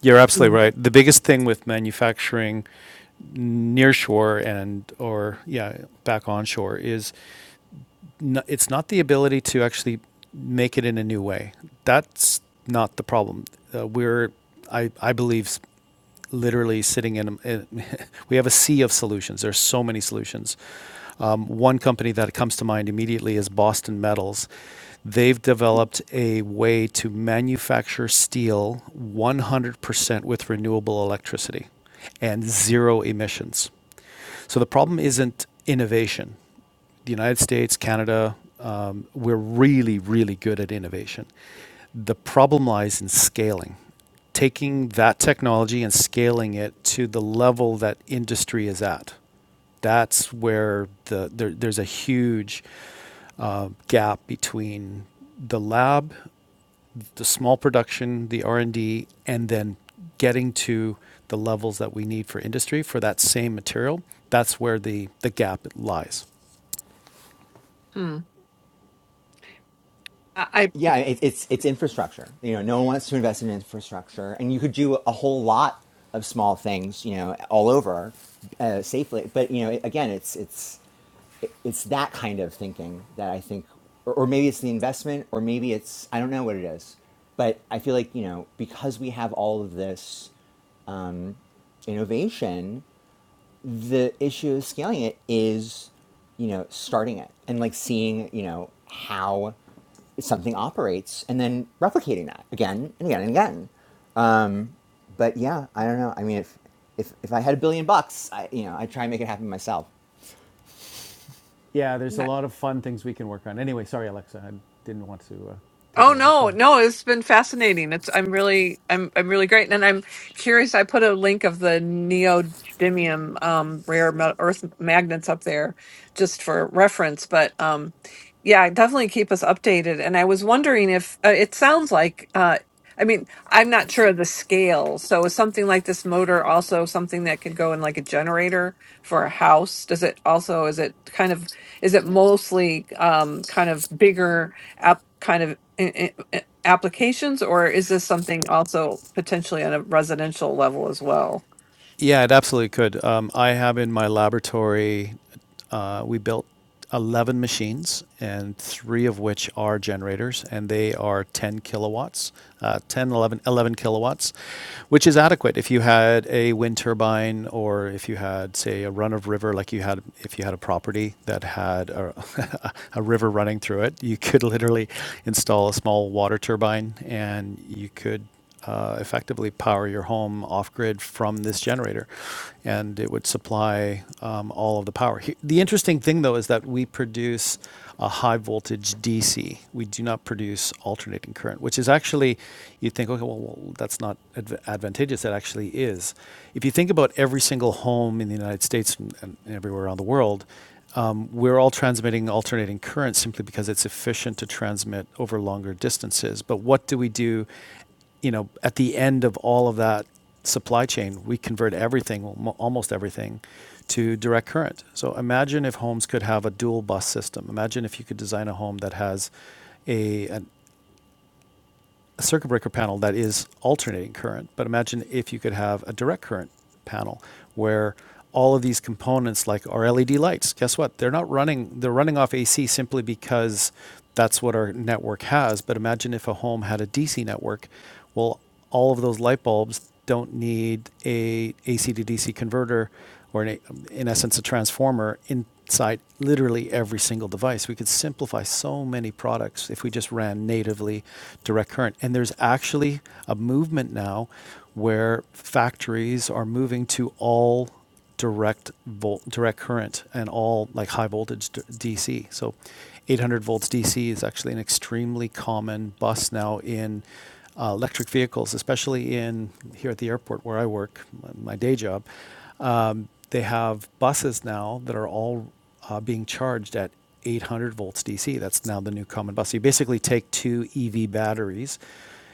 [SPEAKER 6] You're absolutely
[SPEAKER 1] Mhm.
[SPEAKER 6] right. The biggest thing with manufacturing nearshore and or yeah back onshore is it's not the ability to actually make it in a new way. That's not the problem. Uh, we're, I, I believe, literally sitting in, in we have a sea of solutions. There's so many solutions. Um, one company that comes to mind immediately is Boston Metals. They've developed a way to manufacture steel 100% with renewable electricity and zero emissions. So the problem isn't innovation. The United States, Canada, um, we're really, really good at innovation. The problem lies in scaling, taking that technology and scaling it to the level that industry is at. That's where the there, there's a huge uh, gap between the lab the small production, the R and D, and then getting to the levels that we need for industry for that same material. That's where the the gap lies.
[SPEAKER 1] hmm. I,
[SPEAKER 3] Yeah, it, it's it's infrastructure. You know, no one wants to invest in infrastructure, and you could do a whole lot of small things. You know, all over uh, safely. But you know, again, it's it's it's that kind of thinking that I think, or, or maybe it's the investment, or maybe it's I don't know what it is. But I feel like you know because we have all of this um, innovation the issue of scaling it is, you know, starting it and like seeing, you know, how something operates and then replicating that again and again and again. Um, but yeah, I don't know. I mean, if if if I had a billion bucks, I you know, I'd try and make it happen myself.
[SPEAKER 1] I Oh no, no, it's been fascinating. It's I'm really I'm I'm really great and I'm curious. I put a link of the neodymium um rare me- earth magnets up there just for reference, but um yeah, definitely keep us updated. And I was wondering if uh, it sounds like uh I mean, I'm not sure of the scale. So is something like this motor also something that could go in like a generator for a house? Does it also is it kind of is it mostly um kind of bigger app kind of i- i- applications, or is this something also potentially on a residential level as well?
[SPEAKER 6] Yeah, it absolutely could. Um, I have in my laboratory, uh, we built 11 machines, and three of which are generators, and they are 10 kilowatts, uh, 10, eleven, eleven kilowatts, which is adequate if you had a wind turbine or if you had, say, a run of river, like you had, if you had a property that had a, a river running through it, you could literally install a small water turbine and you could uh, effectively power your home off grid from this generator, and it would supply um, all of the power. He- The interesting thing, though, is that we produce a high voltage DC. We do not produce alternating current, which is actually, you think, okay, well, well that's not adv- advantageous. That actually is. If you think about every single home in the United States and, and everywhere around the world, um, we're all transmitting alternating current simply because it's efficient to transmit over longer distances. But what do we do you know, at the end of all of that supply chain, we convert everything, almost everything, to direct current. So imagine if homes could have a dual bus system. Imagine if you could design a home that has a, an a circuit breaker panel that is alternating current. But imagine if you could have a direct current panel where all of these components, like our LED lights, guess what? They're not running, they're running off AC simply because that's what our network has. But imagine if a home had a DC network. Well, all of those light bulbs don't need a AC to DC converter or, an, a- in essence, a transformer inside literally every single device. We could simplify so many products if we just ran natively direct current. And there's actually a movement now where factories are moving to all direct volt, direct current, and all like high voltage DC. So, 800 volts DC is actually an extremely common bus now in uh, electric vehicles, especially in here at the airport where I work, my day job. Um, they have buses now that are all uh, being charged at 800 volts DC. That's now the new common bus. So you basically take two EV batteries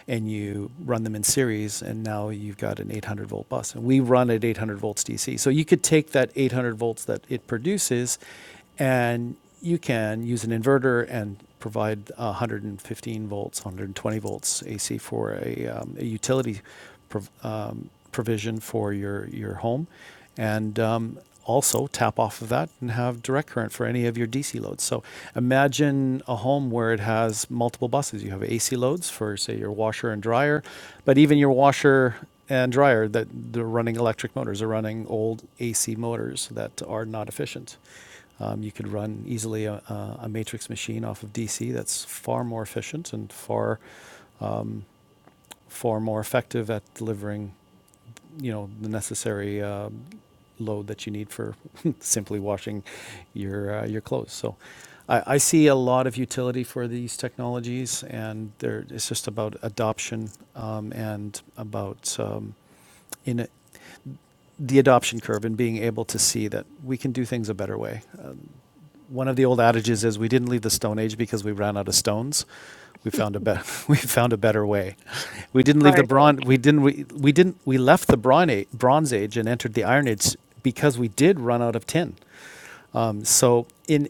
[SPEAKER 6] and you run them in series, and now you've got an 800 volt bus. And we run at 800 volts DC. So you could take that 800 volts that it produces, and you can use an inverter and provide 115 volts, 120 volts AC for a, um, a utility prov- um, provision for your, your home. And um, also tap off of that and have direct current for any of your DC loads. So imagine a home where it has multiple buses. You have AC loads for, say, your washer and dryer, but even your washer and dryer that they're running electric motors are running old AC motors that are not efficient. Um, you could run easily a, a a matrix machine off of DC that's far more efficient and far, far more effective at delivering you know, the necessary uh, load that you need for simply washing your uh, your clothes. So, I, I see a lot of utility for these technologies, and there it's just about adoption um, and about um, in a, the adoption curve and being able to see that we can do things a better way one of the old adages is we didn't leave the Stone Age because we ran out of stones. We found a better we found a better way. We didn't leave the
[SPEAKER 1] Right.
[SPEAKER 6] bronze we didn't we, we didn't we left the bronze age, bronze age and entered the Iron Age because we did run out of tin. So in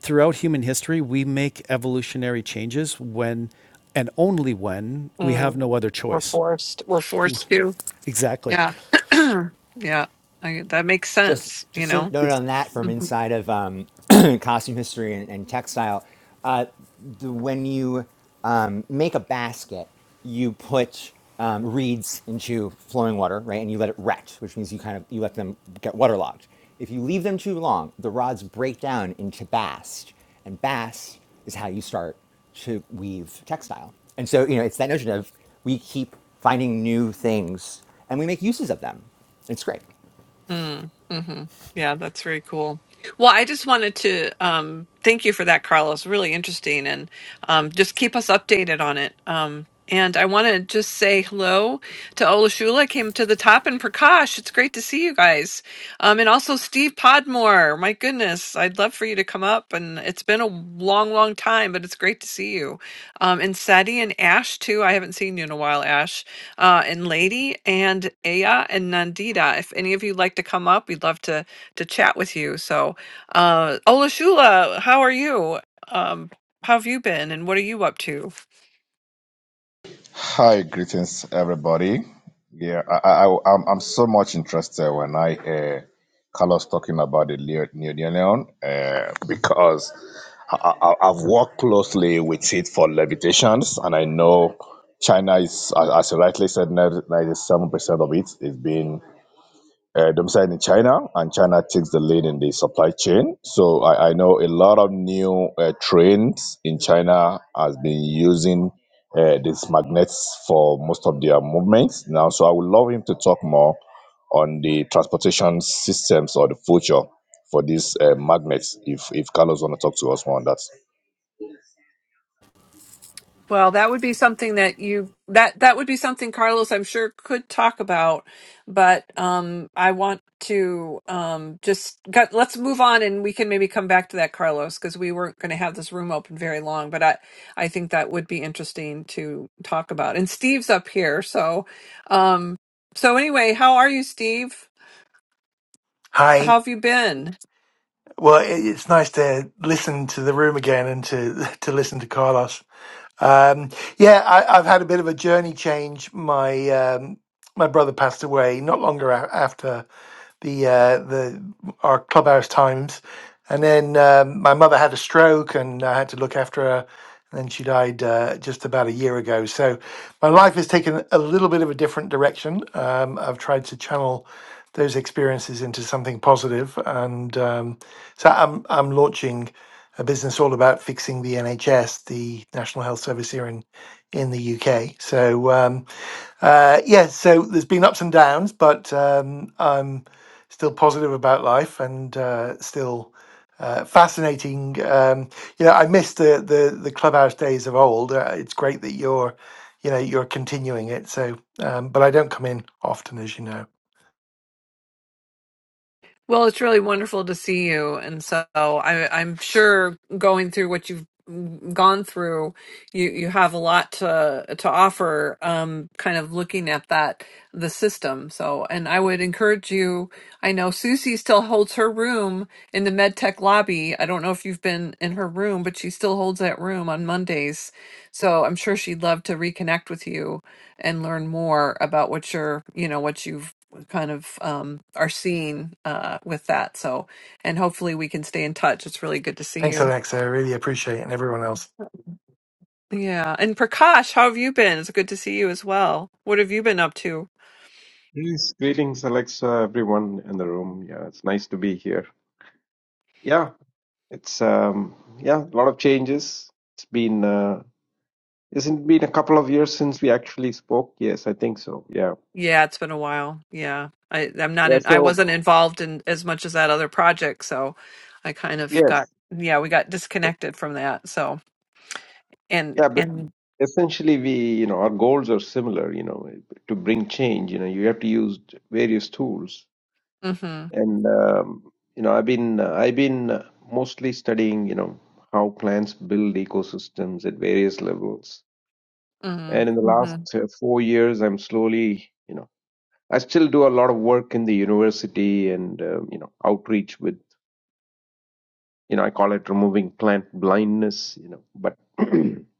[SPEAKER 6] throughout human history we make evolutionary changes when and only when we have
[SPEAKER 1] Mm,
[SPEAKER 6] no other
[SPEAKER 1] we're
[SPEAKER 6] choice.
[SPEAKER 1] forced. We're forced to.
[SPEAKER 6] Exactly.
[SPEAKER 1] Yeah. yeah. I, that makes
[SPEAKER 3] just
[SPEAKER 1] sense, you
[SPEAKER 3] just a
[SPEAKER 1] know.
[SPEAKER 3] note on that from inside of um, costume history and, and textile. Uh, the, when you um, make a basket, you put um, reeds into flowing water, right, and you let it wet, which means you kind of you let them get waterlogged. If you leave them too long, the rods break down into bast, and bast is how you start to weave textile. And so you know it's that notion of we keep finding new things and we make uses of them. It's great.
[SPEAKER 1] Mm, mhm. Yeah, that's very cool. Well, I just wanted to um, thank you for that, Carlos. Really interesting, and um, just keep us updated on it. Um, and I want to just say hello to Olashula, came to the top, and Prakash. It's great to see you guys. Um, and also Steve Podmore. My goodness, I'd love for you to come up. And it's been a long, long time, but it's great to see you. Um, and Sadi and Ash, too. I haven't seen you in a while, Ash uh, and Lady and Aya and Nandita. If any of you like to come up, we'd love to to chat with you. So, uh, Olashula, how are you? Um, how have you been, and what are you up to?
[SPEAKER 7] Hi, greetings, everybody. Yeah, I, I, I'm, I'm so much interested when I hear Carlos talking about the Leo- neodymium uh, because I, I, I've worked closely with it for levitations, and I know China is, as as you rightly said, ninety- 97% of it is being uh, domiciled in China, and China takes the lead in the supply chain. So I, I know a lot of new uh, trains in China has been using uh, these magnets for most of their movements now. So I would love him to talk more on the transportation systems or the future for these uh, magnets. If if Carlos want to talk to us more on that.
[SPEAKER 1] Well, that would be something that you that that would be something Carlos, I'm sure, could talk about. But um, I want to um, just got, let's move on, and we can maybe come back to that, Carlos, because we weren't going to have this room open very long. But I I think that would be interesting to talk about. And Steve's up here, so um, so anyway, how are you, Steve?
[SPEAKER 8] Hi.
[SPEAKER 1] How have you been?
[SPEAKER 8] Well, it- it's nice to listen to the room again and to to listen to Carlos. Um, yeah, I, I've had a bit of a journey change. My um, my brother passed away not longer a- after the uh, the our clubhouse times, and then um, my mother had a stroke, and I had to look after her. And then she died uh, just about a year ago. So my life has taken a little bit of a different direction. Um, I've tried to channel those experiences into something positive, and um, so I'm I'm launching a business all about fixing the NHS, the National Health Service here in in the UK. So um, uh, yeah, so there's been ups and downs, but um, I'm still positive about life and uh, still. Uh, fascinating. Um, you know, I miss the, the the clubhouse days of old. Uh, it's great that you're, you know, you're continuing it. So, um, but I don't come in often, as you know.
[SPEAKER 1] Well, it's really wonderful to see you, and so I, I'm sure going through what you've gone through, you you have a lot to to offer. Um, kind of looking at that the system. So, and I would encourage you. I know Susie still holds her room in the MedTech lobby. I don't know if you've been in her room, but she still holds that room on Mondays. So I'm sure she'd love to reconnect with you and learn more about what you're, you know, what you've kind of um, are seeing uh, with that. So, and hopefully we can stay in touch. It's really good to see
[SPEAKER 8] Thanks,
[SPEAKER 1] you.
[SPEAKER 8] Alexa. I really appreciate it, and everyone else.
[SPEAKER 1] Yeah. And Prakash, how have you been? It's good to see you as well. What have you been up to?
[SPEAKER 9] Yes, greetings, Alexa, everyone in the room. Yeah, it's nice to be here. Yeah, it's um, yeah, a lot of changes. It's been uh, isn't been a couple of years since we actually spoke. Yes, I think so. Yeah,
[SPEAKER 1] Yeah, it's been a while. Yeah. I, I'm not
[SPEAKER 9] yeah.
[SPEAKER 1] in, I
[SPEAKER 9] So
[SPEAKER 1] wasn't involved in as much as that other project. So I kind of got,
[SPEAKER 9] yes,
[SPEAKER 1] yeah, we got disconnected from that. So, and,
[SPEAKER 9] yeah, but
[SPEAKER 1] and,
[SPEAKER 9] essentially, we you know our goals are similar. You know, to bring change. You know, you have to use various tools,
[SPEAKER 1] mm hmm,
[SPEAKER 9] and um, you know, I've been I've been mostly studying. You know, how plants build ecosystems at various levels
[SPEAKER 1] mm
[SPEAKER 9] and in the
[SPEAKER 1] hmm,
[SPEAKER 9] last uh, four years i'm slowly you know i still do a lot of work in the university and uh, you know outreach with you know i call it removing plant blindness you know but i'm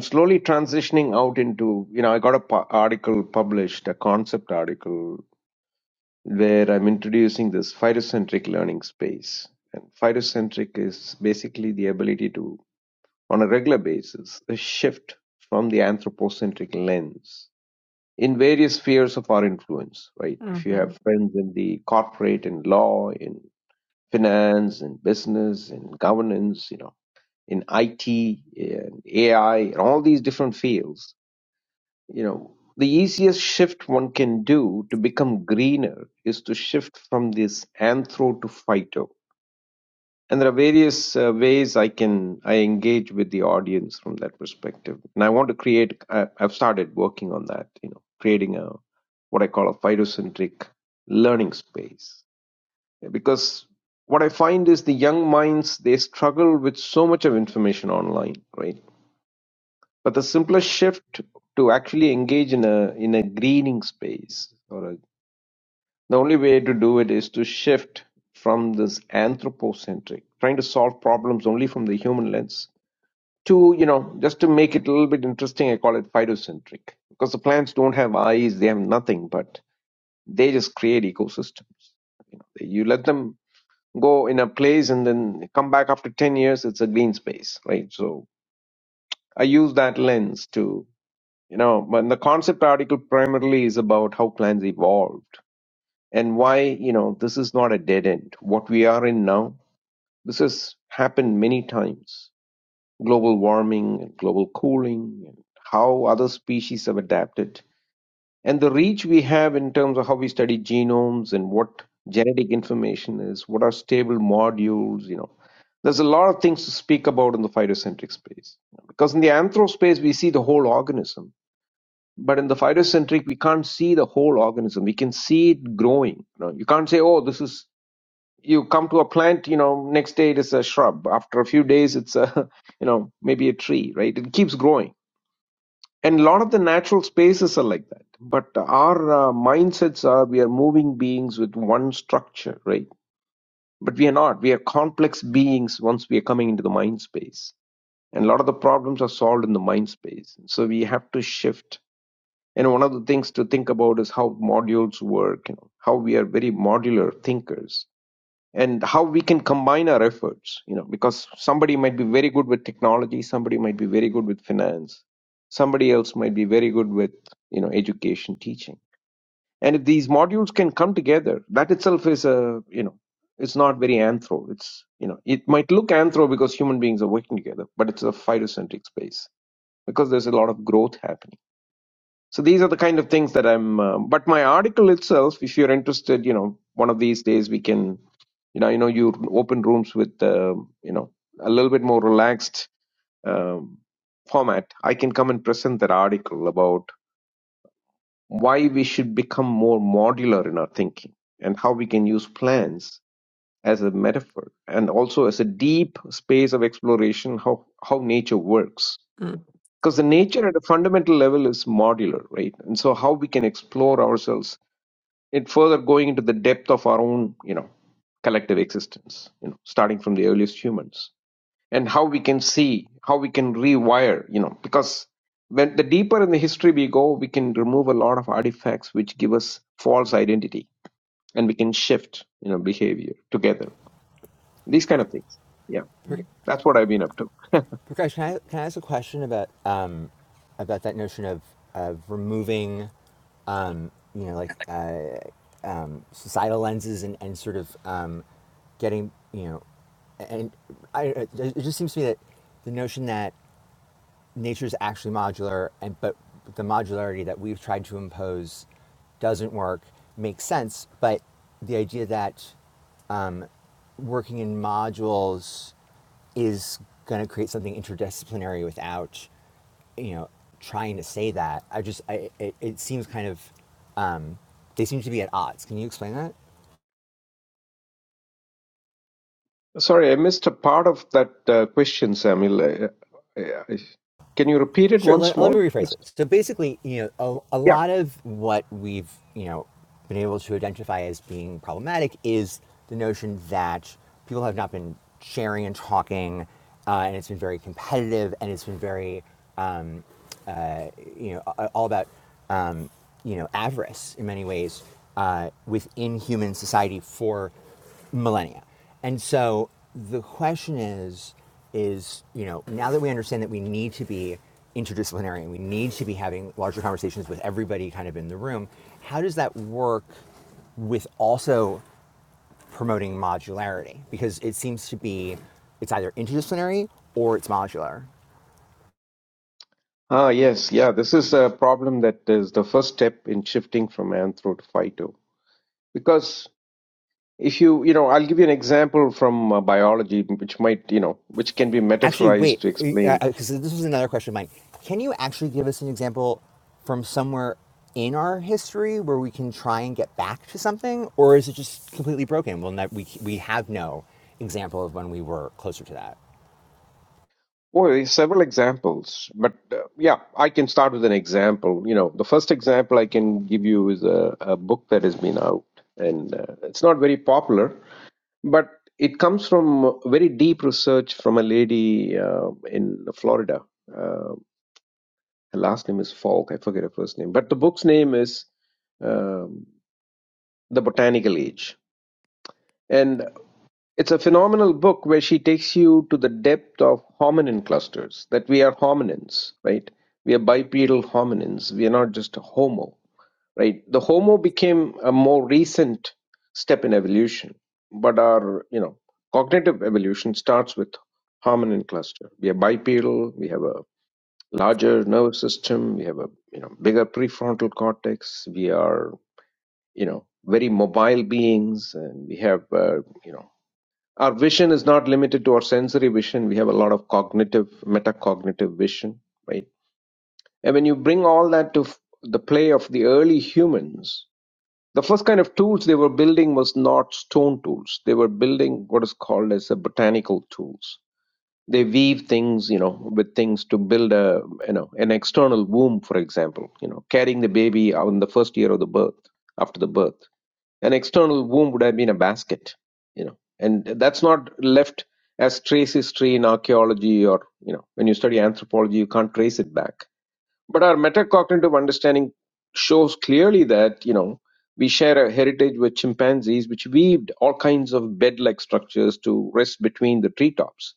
[SPEAKER 9] slowly transitioning out into you know i got a pu- article published a concept article where i'm introducing this phytocentric learning space and phytocentric is basically the ability to on a regular basis a shift from the anthropocentric lens in various spheres of our influence, right? If
[SPEAKER 1] mm
[SPEAKER 9] you
[SPEAKER 1] hmm,
[SPEAKER 9] have friends in the corporate, in law, in finance, in business, in governance, you know, in IT, in AI, in all these different fields, you know, the easiest shift one can do to become greener is to shift from this anthro to phyto and there are various uh, ways i can i engage with the audience from that perspective and i want to create I, i've started working on that you know creating a what i call a phytocentric learning space Yeah, because what i find is the young minds they struggle with so much of information online right but the simplest shift to actually engage in a in a greening space or a the only way to do it is to shift from this anthropocentric, trying to solve problems only from the human lens, to, you know, just to make it a little bit interesting, I call it phytocentric. Because the plants don't have eyes, they have nothing, but they just create ecosystems. You, know, you let them go in a place and then come back after 10 years, it's a green space, right? So I use that lens to, you know, but the concept article primarily is about how plants evolved and why you know this is not a dead end what we are in now this has happened many times global warming and global cooling and how other species have adapted and the reach we have in terms of how we study genomes and what genetic information is what are stable modules you know there's a lot of things to speak about in the phytocentric space because in the anthro space we see the whole organism but in the phytocentric we can't see the whole organism we can see it growing you, know, you can't say oh this is you come to a plant you know next day it is a shrub after a few days it's a you know maybe a tree right it keeps growing and a lot of the natural spaces are like that but our uh, mindsets are we are moving beings with one structure right but we are not we are complex beings once we are coming into the mind space and a lot of the problems are solved in the mind space so we have to shift and one of the things to think about is how modules work you know how we are very modular thinkers and how we can combine our efforts you know because somebody might be very good with technology somebody might be very good with finance somebody else might be very good with you know education teaching and if these modules can come together that itself is a you know it's not very anthro it's you know it might look anthro because human beings are working together but it's a phytocentric space because there's a lot of growth happening so these are the kind of things that I'm. Uh, but my article itself, if you're interested, you know, one of these days we can, you know, you know, you open rooms with, uh, you know, a little bit more relaxed um, format. I can come and present that article about why we should become more modular in our thinking and how we can use plans as a metaphor and also as a deep space of exploration how how nature works
[SPEAKER 1] mm
[SPEAKER 9] because the nature at a fundamental level is modular right and so how we can explore ourselves and further going into the depth of our own you know collective existence you know starting from the earliest humans and how we can see how we can rewire you know because when the deeper in the history we go we can remove a lot of artifacts which give us false identity and we can shift you know behavior together these kind of things yeah
[SPEAKER 1] hmm.
[SPEAKER 9] that's what i've been up to
[SPEAKER 3] Prakash, can I, can I ask a question about um, about that notion of of removing, um, you know, like uh, um, societal lenses and and sort of um, getting, you know, and I, it just seems to me that the notion that nature's actually modular and but the modularity that we've tried to impose doesn't work makes sense but the idea that um, working in modules is going to create something interdisciplinary without you know trying to say that i just I, it, it seems kind of um, they seem to be at odds can you explain that
[SPEAKER 9] Sorry, I missed a part of that uh, question, Samuel. Uh, uh, Can you repeat it
[SPEAKER 3] Sure.
[SPEAKER 9] once
[SPEAKER 3] Let, let me
[SPEAKER 9] more?
[SPEAKER 3] rephrase
[SPEAKER 9] Just-
[SPEAKER 3] it. So basically, you know, a, a
[SPEAKER 9] Yeah.
[SPEAKER 3] lot of what we've, you know, been able to identify as being problematic is the notion that people have not been sharing and talking, uh, and it's been very competitive, and it's been very um, you know, all about, um, you know, avarice in many ways uh, within human society for millennia. And so the question is, is, you know, now that we understand that we need to be interdisciplinary and we need to be having larger conversations with everybody kind of in the room, how does that work with also promoting modularity? Because it seems to be, it's either interdisciplinary or it's modular.
[SPEAKER 9] Ah, yes. Yeah, this is a problem that is the first step in shifting from anthro to phyto. Because if you, you know, I'll give you an example from uh, biology, which might, you know, which can be
[SPEAKER 3] Actually, wait,
[SPEAKER 9] metaphorized to explain.
[SPEAKER 3] because uh, this was another question of mine. Can you actually give us an example from somewhere in our history where we can try and get back to something, or is it just completely broken? Well, ne- we we have no example of when we were closer to that.
[SPEAKER 9] Well, there's several examples, but uh, yeah, I can start with an example. You know, the first example I can give you is a, a book that has been out, and uh, it's not very popular but it comes from very deep research from a lady uh, in Florida. Uh, her last name is Falk. I forget her first name, but the book's name is um, The Botanical Age, and it's a phenomenal book where she takes you to the depth of hominin clusters. That we are hominins, right? We are bipedal hominins. We are not just a Homo. right? The Homo became a more recent step in evolution, but our you know cognitive evolution starts with hominin cluster. We are bipedal. We have a larger nervous system. We have a you know bigger prefrontal cortex. We are you know very mobile beings, and we have uh, you know our vision is not limited to our sensory vision. We have a lot of cognitive, metacognitive vision, right? And when you bring all that to f- the play of the early humans, the first kind of tools they were building was not stone tools they were building what is called as a botanical tools they weave things you know with things to build a you know an external womb for example you know carrying the baby out in the first year of the birth after the birth an external womb would have been a basket you know and that's not left as trace history in archaeology or you know when you study anthropology you can't trace it back but our metacognitive understanding shows clearly that, you know, we share a heritage with chimpanzees, which weaved all kinds of bed like structures to rest between the treetops.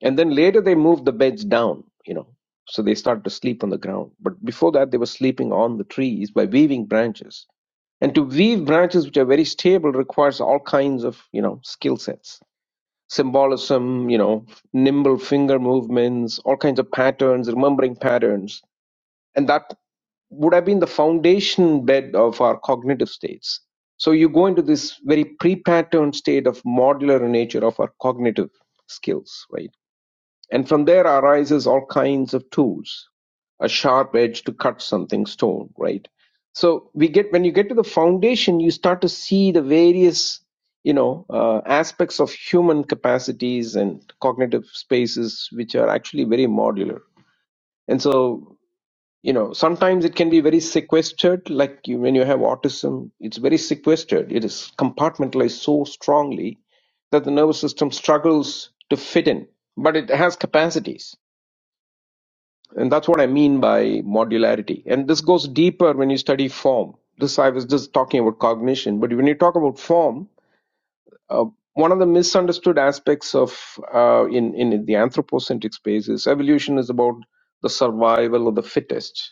[SPEAKER 9] And then later they moved the beds down, you know, so they started to sleep on the ground. But before that, they were sleeping on the trees by weaving branches. And to weave branches which are very stable requires all kinds of, you know, skill sets. Symbolism, you know, nimble finger movements, all kinds of patterns, remembering patterns and that would have been the foundation bed of our cognitive states. So you go into this very pre-patterned state of modular nature of our cognitive skills, right? And from there arises all kinds of tools, a sharp edge to cut something stone, right? So we get when you get to the foundation, you start to see the various, you know, uh, aspects of human capacities and cognitive spaces, which are actually very modular. And so you know sometimes it can be very sequestered like you, when you have autism it's very sequestered it is compartmentalized so strongly that the nervous system struggles to fit in but it has capacities and that's what i mean by modularity and this goes deeper when you study form this i was just talking about cognition but when you talk about form uh, one of the misunderstood aspects of uh, in in the anthropocentric space is evolution is about the survival of the fittest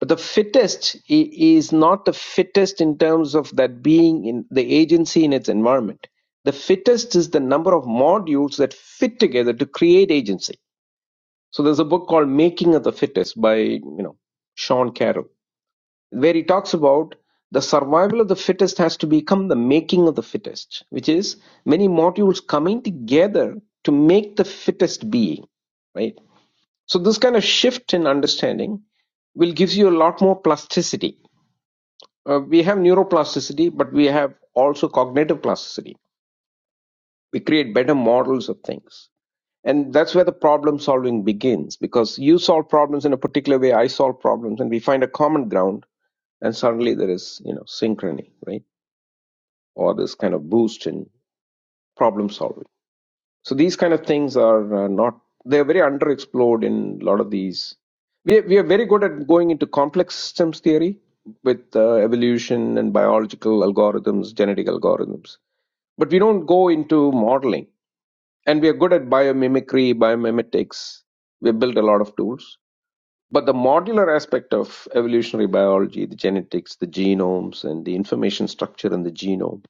[SPEAKER 9] but the fittest i- is not the fittest in terms of that being in the agency in its environment. The fittest is the number of modules that fit together to create agency. So there's a book called Making of the Fittest by you know Sean Carroll, where he talks about the survival of the fittest has to become the making of the fittest, which is many modules coming together to make the fittest being, right? So this kind of shift in understanding will gives you a lot more plasticity uh, we have neuroplasticity, but we have also cognitive plasticity. We create better models of things. And that's where the problem solving begins because you solve problems in a particular way, I solve problems, and we find a common ground, and suddenly there is, you know, synchrony, right? Or this kind of boost in problem solving. So these kind of things are uh, not they are very underexplored in a lot of these. We we are very good at going into complex systems theory with uh, evolution and biological algorithms, genetic algorithms, but we don't go into modeling. And we are good at biomimicry, biomimetics. We built a lot of tools. But the modular aspect of evolutionary biology, the genetics, the genomes, and the information structure in the genome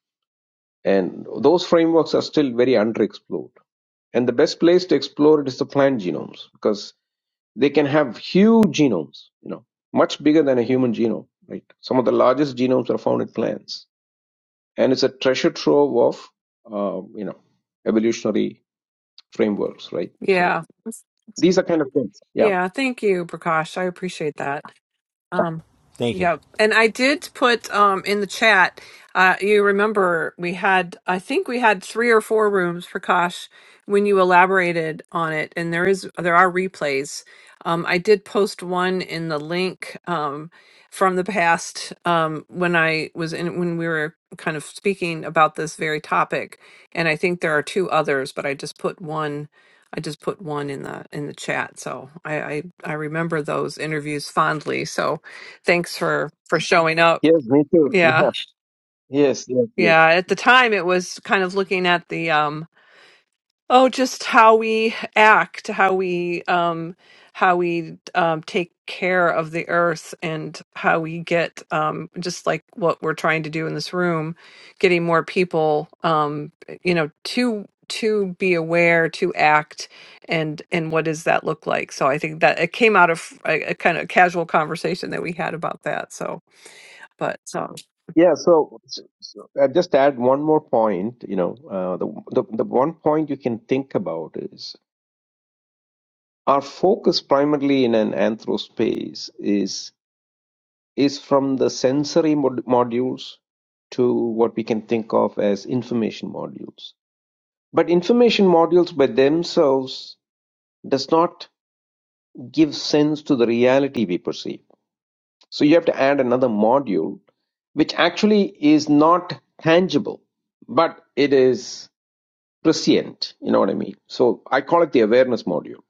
[SPEAKER 9] and those frameworks are still very underexplored. And the best place to explore it is the plant genomes because they can have huge genomes, you know, much bigger than a human genome, right? Some of the largest genomes are found in plants. And it's a treasure trove of, uh, you know, evolutionary frameworks, right? So
[SPEAKER 1] Yeah.
[SPEAKER 9] these are kind of things. Yeah.
[SPEAKER 1] Yeah. Thank you, Prakash. I appreciate that. Um,
[SPEAKER 3] Thank you.
[SPEAKER 1] yeah, and I did put um in the chat. Uh, you remember we had, I think we had three or four rooms, Prakash, when you elaborated on it, and there is there are replays. Um, I did post one in the link um from the past um when I was in when we were kind of speaking about this very topic, and I think there are two others, but I just put one. I just put one in the in the chat, so I I, I remember those interviews fondly. So thanks for for showing up
[SPEAKER 9] Yes, me too.
[SPEAKER 1] yeah
[SPEAKER 9] Yeah. Yes, yes, yes.
[SPEAKER 1] yeah at the time it was kind of looking at the um oh just how we act how we um how we um take care of the earth and how we get um just like what we're trying to do in this room getting more people um you know to to be aware to act and and what does that look like so i think that it came out of a, a kind of casual conversation that we had about that so but so
[SPEAKER 9] Yeah, so, so, so I just add one more point. You know, uh, the, the the one point you can think about is Our focus primarily in an anthro space is is from the sensory mod- modules to what we can think of as information modules. But information modules by themselves does not give sense to the reality we perceive. So you have to add another module, which actually is not tangible, but it is prescient. You know what I mean? So I call it the awareness module.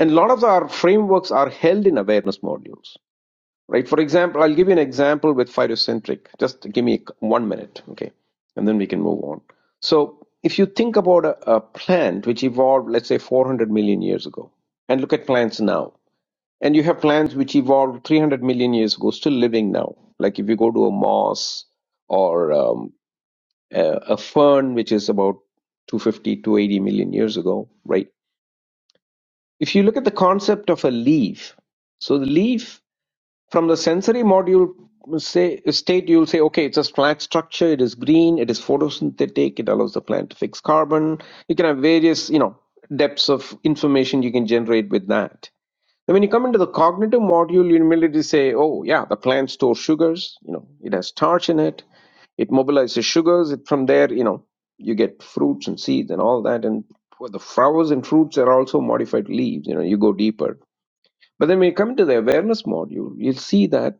[SPEAKER 9] And a lot of our frameworks are held in awareness modules. right? For example, I'll give you an example with phytocentric. Just give me one minute, okay, and then we can move on. So, if you think about a, a plant which evolved, let's say, 400 million years ago, and look at plants now, and you have plants which evolved 300 million years ago, still living now. Like if you go to a moss or um, a, a fern, which is about 250, 280 million years ago, right? If you look at the concept of a leaf, so the leaf from the sensory module say state you'll say okay it's a flat structure it is green it is photosynthetic it allows the plant to fix carbon you can have various you know depths of information you can generate with that and when you come into the cognitive module you immediately say oh yeah the plant stores sugars you know it has starch in it it mobilizes sugars it, from there you know you get fruits and seeds and all that and well, the flowers and fruits are also modified leaves you know you go deeper but then when you come to the awareness module you'll see that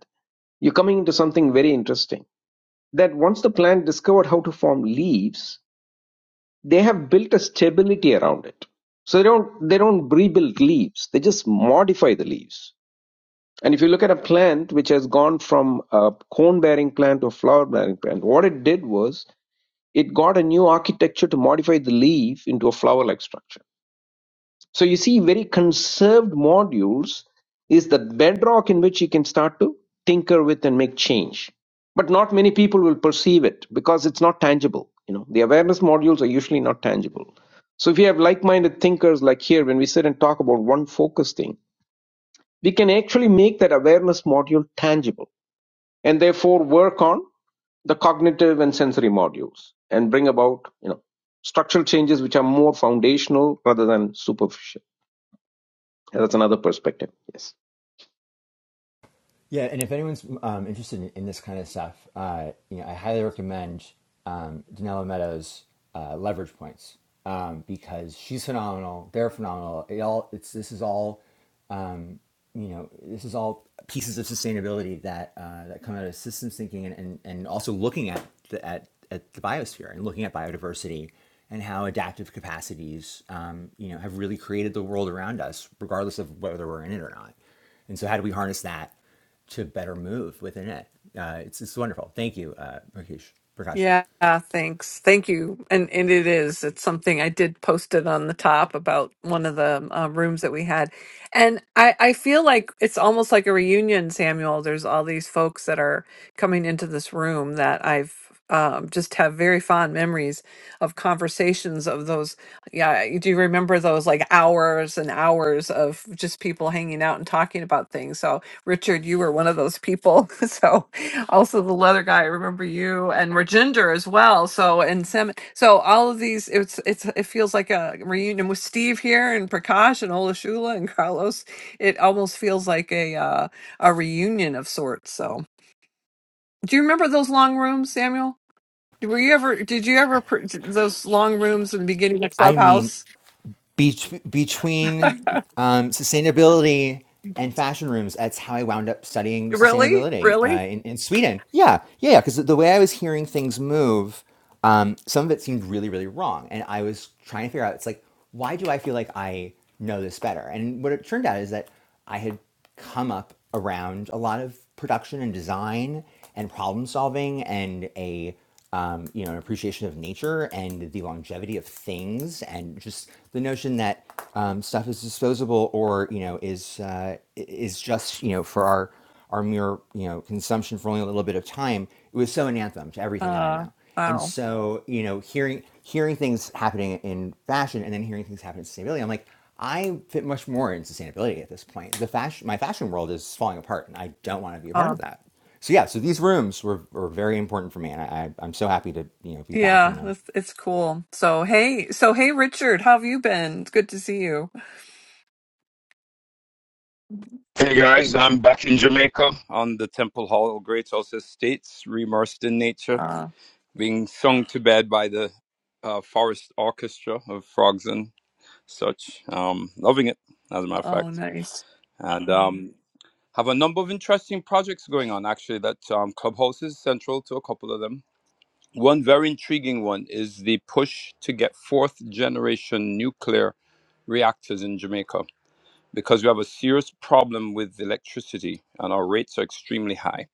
[SPEAKER 9] you're coming into something very interesting. That once the plant discovered how to form leaves, they have built a stability around it. So they don't they don't rebuild leaves. They just modify the leaves. And if you look at a plant which has gone from a cone bearing plant to a flower bearing plant, what it did was it got a new architecture to modify the leaf into a flower like structure So you see, very conserved modules is the bedrock in which you can start to tinker with and make change. But not many people will perceive it because it's not tangible. You know, the awareness modules are usually not tangible. So if you have like-minded thinkers like here, when we sit and talk about one focus thing, we can actually make that awareness module tangible and therefore work on the cognitive and sensory modules and bring about, you know, structural changes which are more foundational rather than superficial. That's another perspective. Yes.
[SPEAKER 3] Yeah, and if anyone's um, interested in, in this kind of stuff, uh, you know, I highly recommend um, Danella Meadows' uh, Leverage Points um, because she's phenomenal. They're phenomenal. It all it's this is all um, you know this is all pieces of sustainability that uh, that come out of systems thinking and, and, and also looking at the, at at the biosphere and looking at biodiversity and how adaptive capacities um, you know have really created the world around us regardless of whether we're in it or not. And so, how do we harness that? to better move within it. Uh, it's, it's wonderful. Thank you, uh, Rakesh Prakash.
[SPEAKER 1] Yeah, thanks. Thank you. And and it is. It's something I did post it on the top about one of the um, rooms that we had. And I I feel like it's almost like a reunion, Samuel. There's all these folks that are coming into this room that I've um, just have very fond memories of conversations of those. Yeah, you do you remember those like hours and hours of just people hanging out and talking about things? So Richard, you were one of those people. So also the leather guy. I remember you and Rajinder as well. So and Sam. So all of these, it's it's it feels like a reunion with Steve here and Prakash and Olashula and Carlos. It almost feels like a uh, a reunion of sorts. So do you remember those long rooms, Samuel? Were you ever? Did you ever pr- those long rooms in the beginning of
[SPEAKER 3] I mean,
[SPEAKER 1] Clubhouse?
[SPEAKER 3] Be- between um, sustainability and fashion rooms, that's how I wound up studying
[SPEAKER 1] really,
[SPEAKER 3] sustainability
[SPEAKER 1] really?
[SPEAKER 3] uh, in, in Sweden. Yeah, yeah, because the way I was hearing things move, um, some of it seemed really, really wrong. And I was trying to figure out, it's like, why do I feel like I know this better? And what it turned out is that I had come up around a lot of production and design and problem solving and a um, you know, an appreciation of nature and the longevity of things, and just the notion that um, stuff is disposable or you know is uh, is just you know for our our mere you know consumption for only a little bit of time. It was so an anthem to everything that I
[SPEAKER 1] Uh,
[SPEAKER 3] know, and
[SPEAKER 1] wow.
[SPEAKER 3] so you know, hearing hearing things happening in fashion and then hearing things happen in sustainability, I'm like. I fit much more in sustainability at this point. The fashion, my fashion world is falling apart, and I don't want to be a part
[SPEAKER 1] Uh,
[SPEAKER 3] of that. So yeah, so these rooms were, were very important for me, and I, I I'm so happy to you know be back in
[SPEAKER 1] yeah,
[SPEAKER 3] them.
[SPEAKER 1] it's, it's cool. So hey, so hey, Richard, how have you been? It's good to see you.
[SPEAKER 10] Hey guys, I'm back in Jamaica on the Temple Hall Great House Estates, immersed in nature,
[SPEAKER 1] Uh,
[SPEAKER 10] being sung to bed by the uh, Forest Orchestra of frogs and such. Um, loving it, as a matter of
[SPEAKER 1] oh,
[SPEAKER 10] fact,
[SPEAKER 1] nice.
[SPEAKER 10] and um, have a number of interesting projects going on. Actually, that um, Clubhouse is central to a couple of them. One very intriguing one is the push to get fourth generation nuclear reactors in Jamaica because we have a serious problem with electricity and our rates are extremely high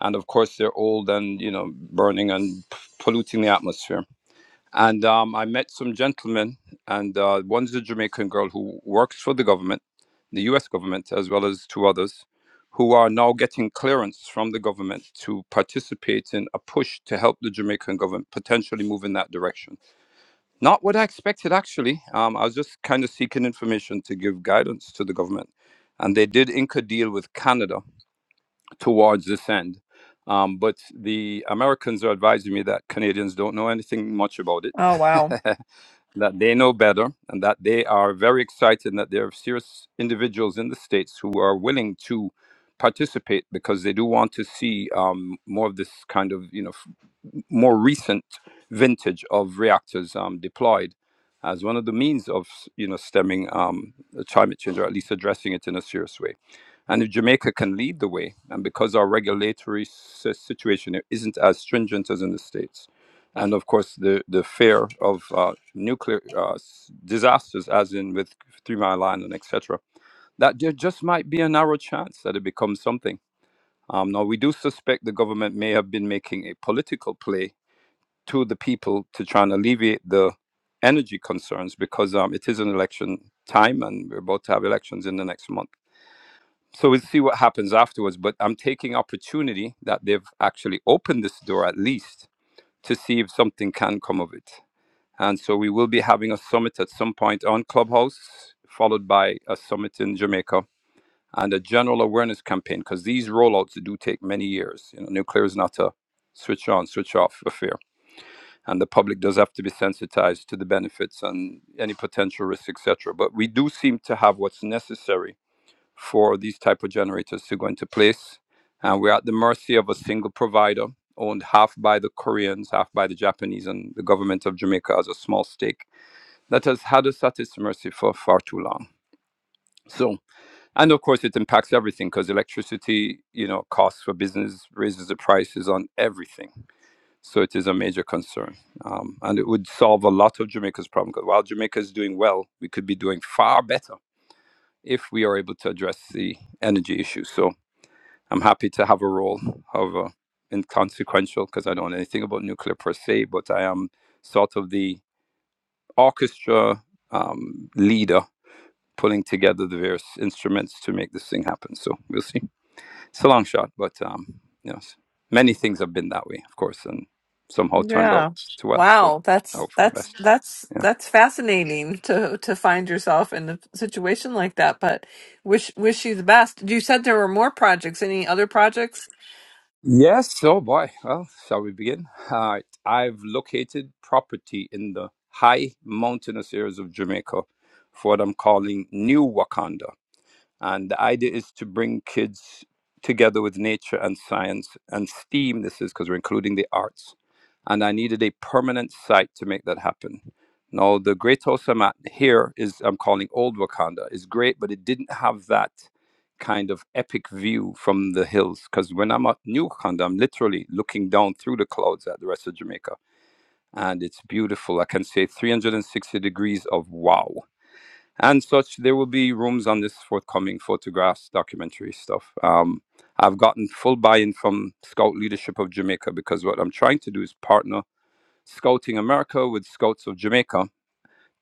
[SPEAKER 10] and of course they're old and you know burning and p- polluting the atmosphere and um, i met some gentlemen and uh, one's a jamaican girl who works for the government the us government as well as two others who are now getting clearance from the government to participate in a push to help the jamaican government potentially move in that direction not what I expected, actually. Um, I was just kind of seeking information to give guidance to the government. And they did ink a deal with Canada towards this end. Um, but the Americans are advising me that Canadians don't know anything much about
[SPEAKER 1] Oh, wow.
[SPEAKER 10] it. that they know better and that they are very excited and that there are serious individuals in the states who are willing to participate because they do want to see um, more of this kind of you know f- more recent vintage of reactors um, deployed as one of the means of you know stemming um, the climate change or at least addressing it in a serious way and if jamaica can lead the way and because our regulatory s- situation isn't as stringent as in the states and of course the the fear of uh, nuclear uh, s- disasters, as in with Three Mile Island, etc. That there just might be a narrow chance that it becomes something. Um, now we do suspect the government may have been making a political play to the people to try and alleviate the energy concerns because um, it is an election time and we're about to have elections in the next month. So we'll see what happens afterwards. But I'm taking opportunity that they've actually opened this door at least to see if something can come of it. And so we will be having a summit at some point on Clubhouse, followed by a summit in Jamaica and a general awareness campaign because these rollouts do take many years. You know, nuclear is not a switch on, switch off affair, and the public does have to be sensitized to the benefits and any potential risks, etc. But we do seem to have what's necessary for these type of generators to go into place, and we're at the mercy of a single provider owned half by the Koreans, half by the Japanese, and the government of Jamaica has a small stake that has had us at its mercy for far too long. So, and of course, it impacts everything because electricity, you know, costs for business raises the prices on everything. So it is a major concern, um, and it would solve a lot of Jamaica's problem. Because while Jamaica is doing well, we could be doing far better if we are able to address the energy issue. So I'm happy to have a role, however inconsequential, because I don't know anything about nuclear per se, but I am sort of the orchestra um, leader Pulling together the various instruments to make this thing happen. So we'll see. It's a long shot, but um, you know, many things have been that way, of course, and somehow turned out
[SPEAKER 1] Yeah.
[SPEAKER 10] to well. So
[SPEAKER 1] Wow.
[SPEAKER 10] I
[SPEAKER 1] That's
[SPEAKER 10] hope for the
[SPEAKER 1] that's
[SPEAKER 10] best.
[SPEAKER 1] that's
[SPEAKER 10] Yeah.
[SPEAKER 1] that's fascinating to to find yourself in a situation like that. But wish wish you the best. You said there were more projects. Any other projects?
[SPEAKER 10] Yes. Oh boy. Well, shall we begin? All right. I've located property in the high mountainous areas of Jamaica for what I'm calling New Wakanda. And the idea is to bring kids together with nature and science and STEAM, this is because we're including the arts. And I needed a permanent site to make that happen. Now, the Great House I'm at here is, I'm calling Old Wakanda, is great, but it didn't have that kind of epic view from the hills. Because when I'm at New Wakanda, I'm literally looking down through the clouds at the rest of Jamaica. And it's beautiful. I can say 360 degrees of wow and such. There will be rooms on this forthcoming photographs, documentary stuff. Um, I've gotten full buy-in from Scout leadership of Jamaica because what I'm trying to do is partner Scouting America with Scouts of Jamaica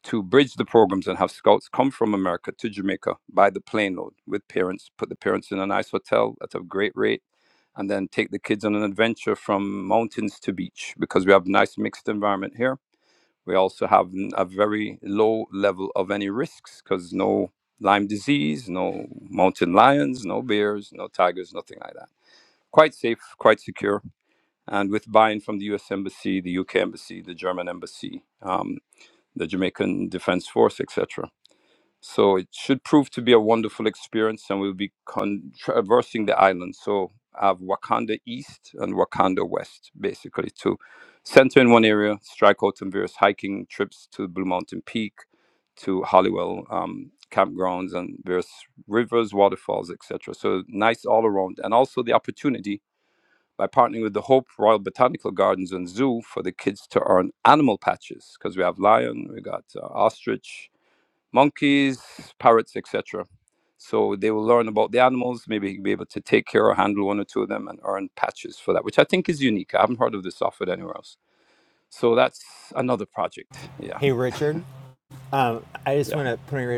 [SPEAKER 10] to bridge the programs and have Scouts come from America to Jamaica by the plane load with parents, put the parents in a nice hotel at a great rate, and then take the kids on an adventure from mountains to beach because we have nice mixed environment here we also have n- a very low level of any risks because no Lyme disease, no mountain lions, no bears, no tigers, nothing like that. Quite safe, quite secure. And with buy in from the US Embassy, the UK Embassy, the German Embassy, um, the Jamaican Defense Force, etc. So it should prove to be a wonderful experience, and we'll be con- traversing the island. So I have Wakanda East and Wakanda West, basically, to center in one area, strike out on various hiking trips to Blue Mountain Peak, to Hollywell um, campgrounds, and various rivers, waterfalls, etc. So nice all around. And also the opportunity by partnering with the Hope Royal Botanical Gardens and Zoo for the kids to earn animal patches, because we have lion, we got uh, ostrich, monkeys, parrots, etc. So they will learn about the animals, maybe be able to take care or handle one or two of them and earn patches for that, which I think is unique. I haven't heard of this offered anywhere else. So that's another project. Yeah,
[SPEAKER 3] Hey, Richard, um, I just
[SPEAKER 10] yeah,
[SPEAKER 3] want to put in your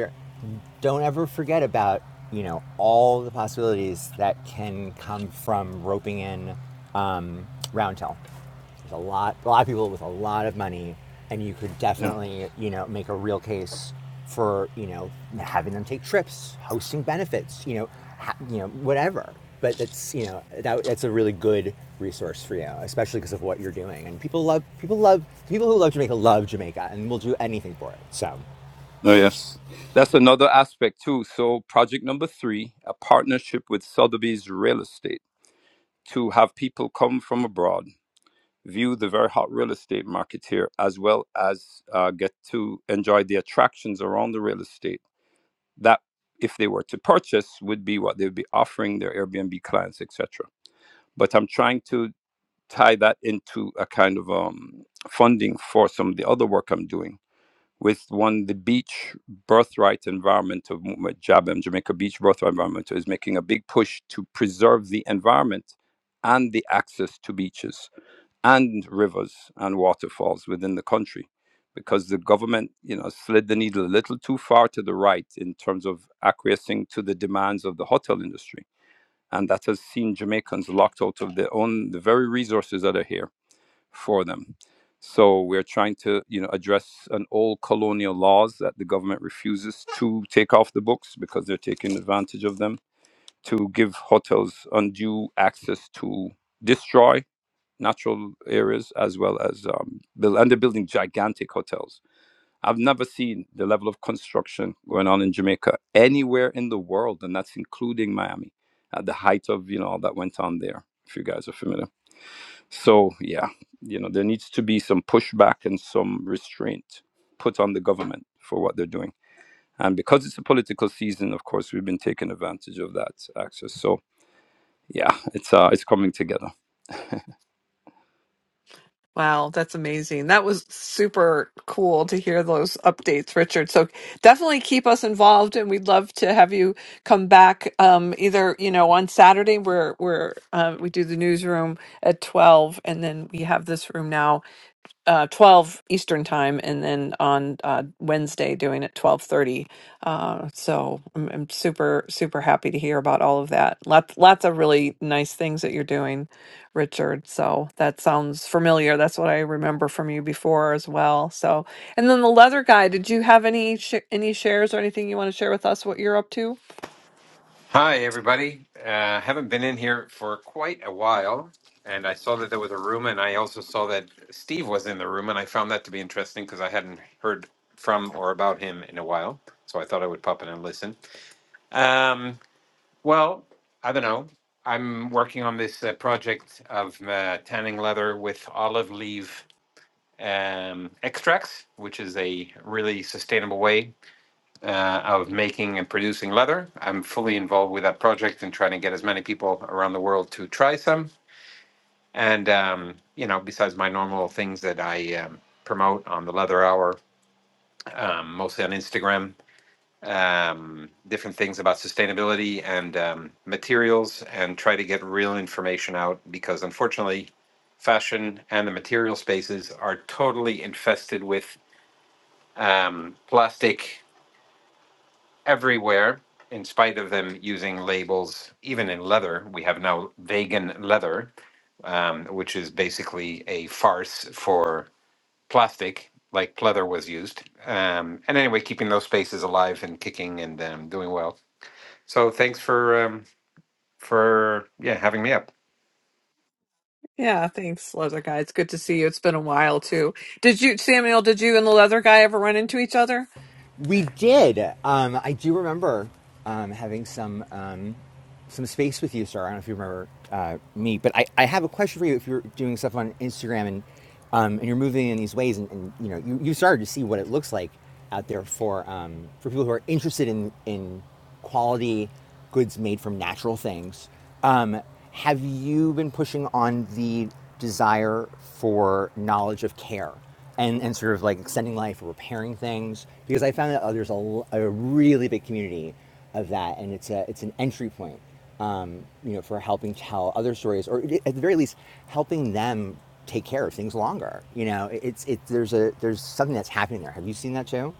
[SPEAKER 3] don't ever forget about, you know, all the possibilities that can come from roping in um, Roundtail. There's a lot, a lot of people with a lot of money, and you could
[SPEAKER 10] yeah.
[SPEAKER 3] definitely, you know, make a real case for you know having them take trips, hosting benefits, you know, ha- you know whatever. But that's you know that, that's a really good resource for you, especially because of what you're doing. And people love people love people who love Jamaica love Jamaica and will do anything for it. So
[SPEAKER 10] Oh, yes. That's another aspect too. So project number three, a partnership with Sotheby's Real Estate to have people come from abroad view the very hot real estate market here, as well as uh, get to enjoy the attractions around the real estate that if they were to purchase would be what they would be offering their airbnb clients etc but i'm trying to tie that into a kind of um, funding for some of the other work i'm doing with one the beach birthright environmental movement jabem jamaica beach birthright environmental is making a big push to preserve the environment and the access to beaches and rivers and waterfalls within the country because the government you know slid the needle a little too far to the right in terms of acquiescing to the demands of the hotel industry and that has seen Jamaicans locked out of their own the very resources that are here for them so we're trying to you know address an old colonial laws that the government refuses to take off the books because they're taking advantage of them to give hotels undue access to destroy natural areas as well as um, build, and they're building gigantic hotels. I've never seen the level of construction going on in Jamaica anywhere in the world, and that's including Miami at the height of you know all that went on there. If you guys are familiar, so yeah, you know there needs to be some pushback and some restraint put on the government for what they're doing. And because it's a political season, of course, we've been taking advantage of that access. So yeah, it's uh, it's coming together.
[SPEAKER 1] Wow, that's amazing. That was super cool to hear those updates, Richard. So definitely keep us involved, and we'd love to have you come back. Um, either you know on Saturday, we where where uh, we do the newsroom at twelve, and then we have this room now uh, 12 Eastern time, and then on uh, Wednesday doing it 12:30. Uh, so I'm, I'm super super happy to hear about all of that. Lots lots of really nice things that you're doing, Richard. So that sounds familiar. That's what I remember from you before as well. So and then the leather guy. Did you have any sh- any shares or anything you want to share with us? What you're up to?
[SPEAKER 11] Hi, everybody. Uh, haven't been in here for quite a while, and I saw that there was a room, and I also saw that Steve was in the room, and I found that to be interesting because I hadn't heard from or about him in a while. So I thought I would pop in and listen. Um, well, I don't know. I'm working on this uh, project of uh, tanning leather with olive leaf um, extracts, which is a really sustainable way uh, of making and producing leather. I'm fully involved with that project and trying to get as many people around the world to try some. And, um, you know, besides my normal things that I um, promote on the Leather Hour, um, mostly on Instagram, um, different things about sustainability and um, materials, and try to get real information out because unfortunately, fashion and the material spaces are totally infested with um, plastic everywhere, in spite of them using labels, even in leather. We have now vegan leather, um, which is basically a farce for plastic, like pleather was used. Um, and anyway, keeping those spaces alive and kicking and um, doing well. So thanks for um, for yeah having me up.
[SPEAKER 1] Yeah, thanks, leather guy. It's good to see you. It's been a while too. Did you Samuel? Did you and the leather guy ever run into each other?
[SPEAKER 3] We did. Um, I do remember um, having some um, some space with you, sir. I don't know if you remember uh, me, but I, I have a question for you. If you're doing stuff on Instagram and um, and you're moving in these ways, and, and you know you, you started to see what it looks like out there for um, for people who are interested in in quality goods made from natural things. Um, have you been pushing on the desire for knowledge of care and, and sort of like extending life or repairing things? Because I found that oh, there's a a really big community of that, and it's a it's an entry point, um, you know, for helping tell other stories, or at the very least, helping them take care of things longer. You know, it's it there's a there's something that's happening there. Have you seen that too?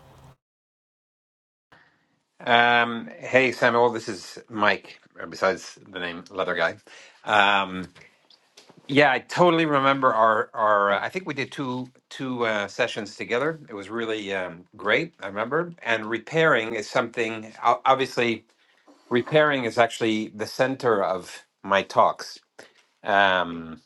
[SPEAKER 11] Um, hey Samuel, this is Mike. uh, Besides the name Leather Guy. Um, Yeah, I totally remember our our. Uh, I think we did two two uh, sessions together. It was really um, great. I remember. And repairing is something. o- Obviously, repairing is actually the center of my talks um,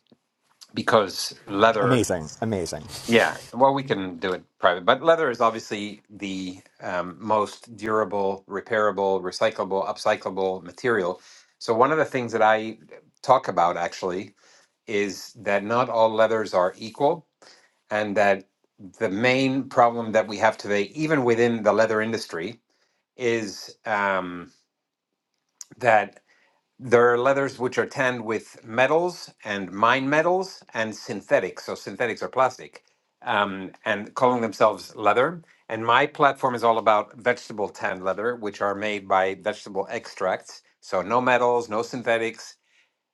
[SPEAKER 11] because leather.
[SPEAKER 3] Amazing, amazing.
[SPEAKER 11] Yeah, well, we can do it private, but leather is obviously the um, most durable, repairable, recyclable, upcyclable material. So one of the things that I talk about actually is that not all leathers are equal, and that the main problem that we have today, even within the leather industry, is um, that there are leathers which are tanned with metals and mine metals and synthetics. So synthetics are plastic, um, and calling themselves leather. And my platform is all about vegetable tan leather, which are made by vegetable extracts. So no metals, no synthetics,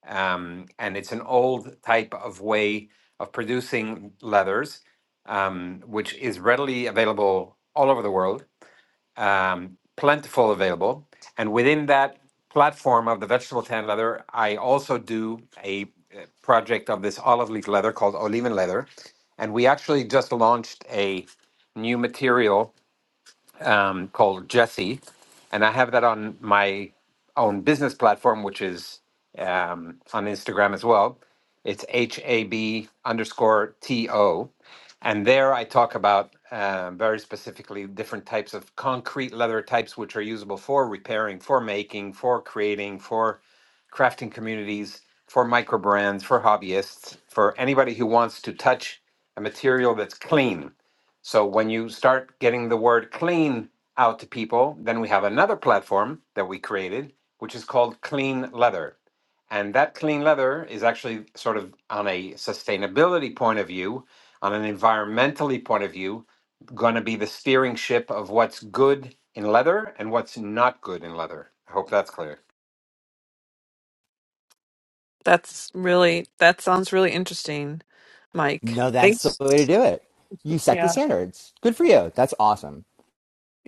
[SPEAKER 11] um, and it's an old type of way of producing leathers, um, which is readily available all over the world, um, plentiful available. And within that platform of the vegetable tan leather, I also do a uh, project of this olive leaf leather called Oliven leather, and we actually just launched a new material um, called Jesse, and I have that on my own business platform, which is um, on Instagram as well. It's H A B underscore T O, and there I talk about um very specifically different types of concrete leather types, which are usable for repairing, for making, for creating, for crafting communities, for micro brands, for hobbyists, for anybody who wants to touch a material that's clean so when you start getting the word clean out to people, then we have another platform that we created, which is called Clean Leather. And that clean leather is actually sort of on a sustainability point of view, on an environmentally point of view, going to be the steering ship of what's good in leather and what's not good in leather. I hope that's clear.
[SPEAKER 1] That's really that sounds really interesting, Mike.
[SPEAKER 3] No, that's the
[SPEAKER 1] Thanks.
[SPEAKER 3] way to do it. You set the
[SPEAKER 1] Yeah.
[SPEAKER 3] standards. Good for you. That's awesome.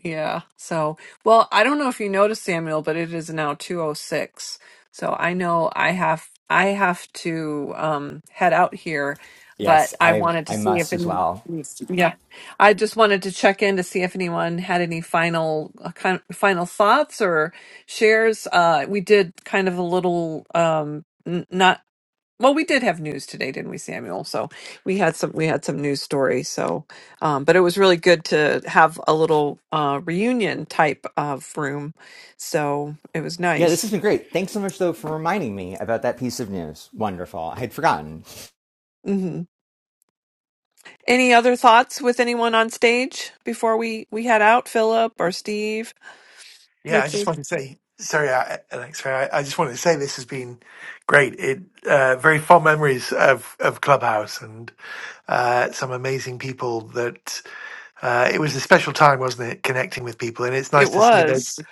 [SPEAKER 1] Yeah. So, well, I don't know if you noticed Samuel, but it is now 206. So, I know I have I have to um head out here,
[SPEAKER 3] Yes,
[SPEAKER 1] but I
[SPEAKER 3] I
[SPEAKER 1] wanted to
[SPEAKER 3] I
[SPEAKER 1] see
[SPEAKER 3] must as well.
[SPEAKER 1] yeah. I just wanted to check in to see if anyone had any final uh, kind final thoughts or shares. Uh we did kind of a little um n- not Well, we did have news today, didn't we, Samuel? So we had some we had some news stories. So, um, but it was really good to have a little uh, reunion type of room. So it was
[SPEAKER 3] Yeah, this has
[SPEAKER 1] nice.
[SPEAKER 3] been great. Thanks so much though for reminding me about that piece of news. Wonderful. I had forgotten.
[SPEAKER 1] hmm Any other thoughts with anyone on stage before we we head out? Philip or Steve,
[SPEAKER 8] Yeah, I just
[SPEAKER 1] Richard?
[SPEAKER 8] wanted to say, sorry, I- Alex, sorry, I, I just wanted to say this has been great. It uh, very fond memories of of Clubhouse and uh, some amazing people. That uh, it was a special time, wasn't it? Connecting with people, and it's nice
[SPEAKER 1] It
[SPEAKER 8] to see that.
[SPEAKER 1] was.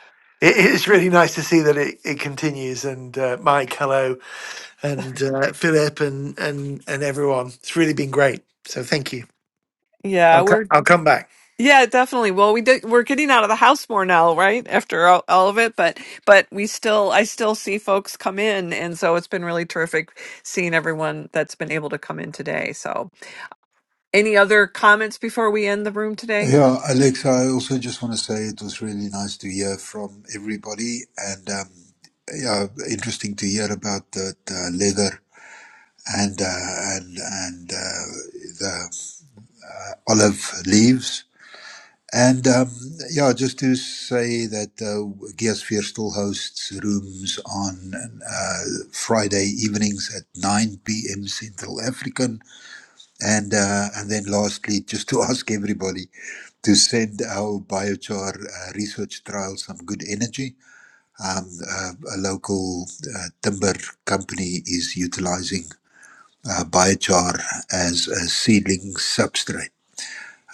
[SPEAKER 8] It is really nice to see that it, it continues. And uh, Mike, hello, and uh, Philip, and and and everyone. It's really been great. So thank you.
[SPEAKER 1] Yeah,
[SPEAKER 8] I'll c-
[SPEAKER 1] we're
[SPEAKER 8] I'll come back.
[SPEAKER 1] Yeah, definitely. Well, we did, we're getting out of the house more now, right? After all, all of it, but but we still I still see folks come in, and so it's been really terrific seeing everyone that's been able to come in today. So, any other comments before we end the room today?
[SPEAKER 5] Yeah, Alexa, I also just want to say it was really nice to hear from everybody. And um, yeah, interesting to hear about the, the leather and uh, and and uh, the olive leaves And um, yeah, just to say that uh, Geosphere still hosts rooms on uh, Friday evenings at 9 p.m. Central African. And, uh, and then lastly, just to ask everybody to send our biochar uh, research trial some good energy. Um, uh, a local uh, timber company is utilizing uh, biochar as a seedling substrate.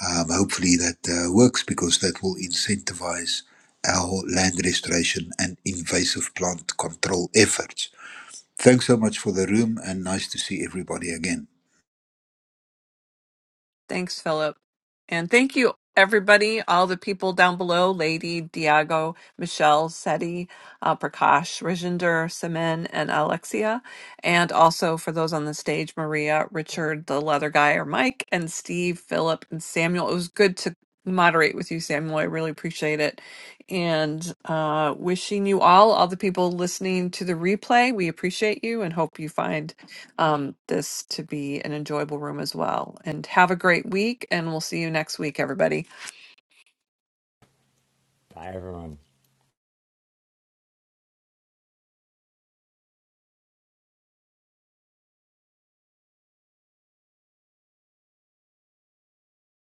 [SPEAKER 5] Um, hopefully that uh, works because that will incentivize our land restoration and invasive plant control efforts. Thanks so much for the room and nice to see everybody again.
[SPEAKER 1] Thanks, Philip. And thank you, everybody, all the people down below Lady, Diago, Michelle, Seti, uh, Prakash, Rajinder, Semen, and Alexia. And also for those on the stage Maria, Richard, the leather guy, or Mike, and Steve, Philip, and Samuel. It was good to moderate with you, Samuel. I really appreciate it. And uh, wishing you all, all the people listening to the replay, we appreciate you and hope you find um, this to be an enjoyable room as well. And have a great week, and we'll see you next week, everybody.
[SPEAKER 3] Bye everyone.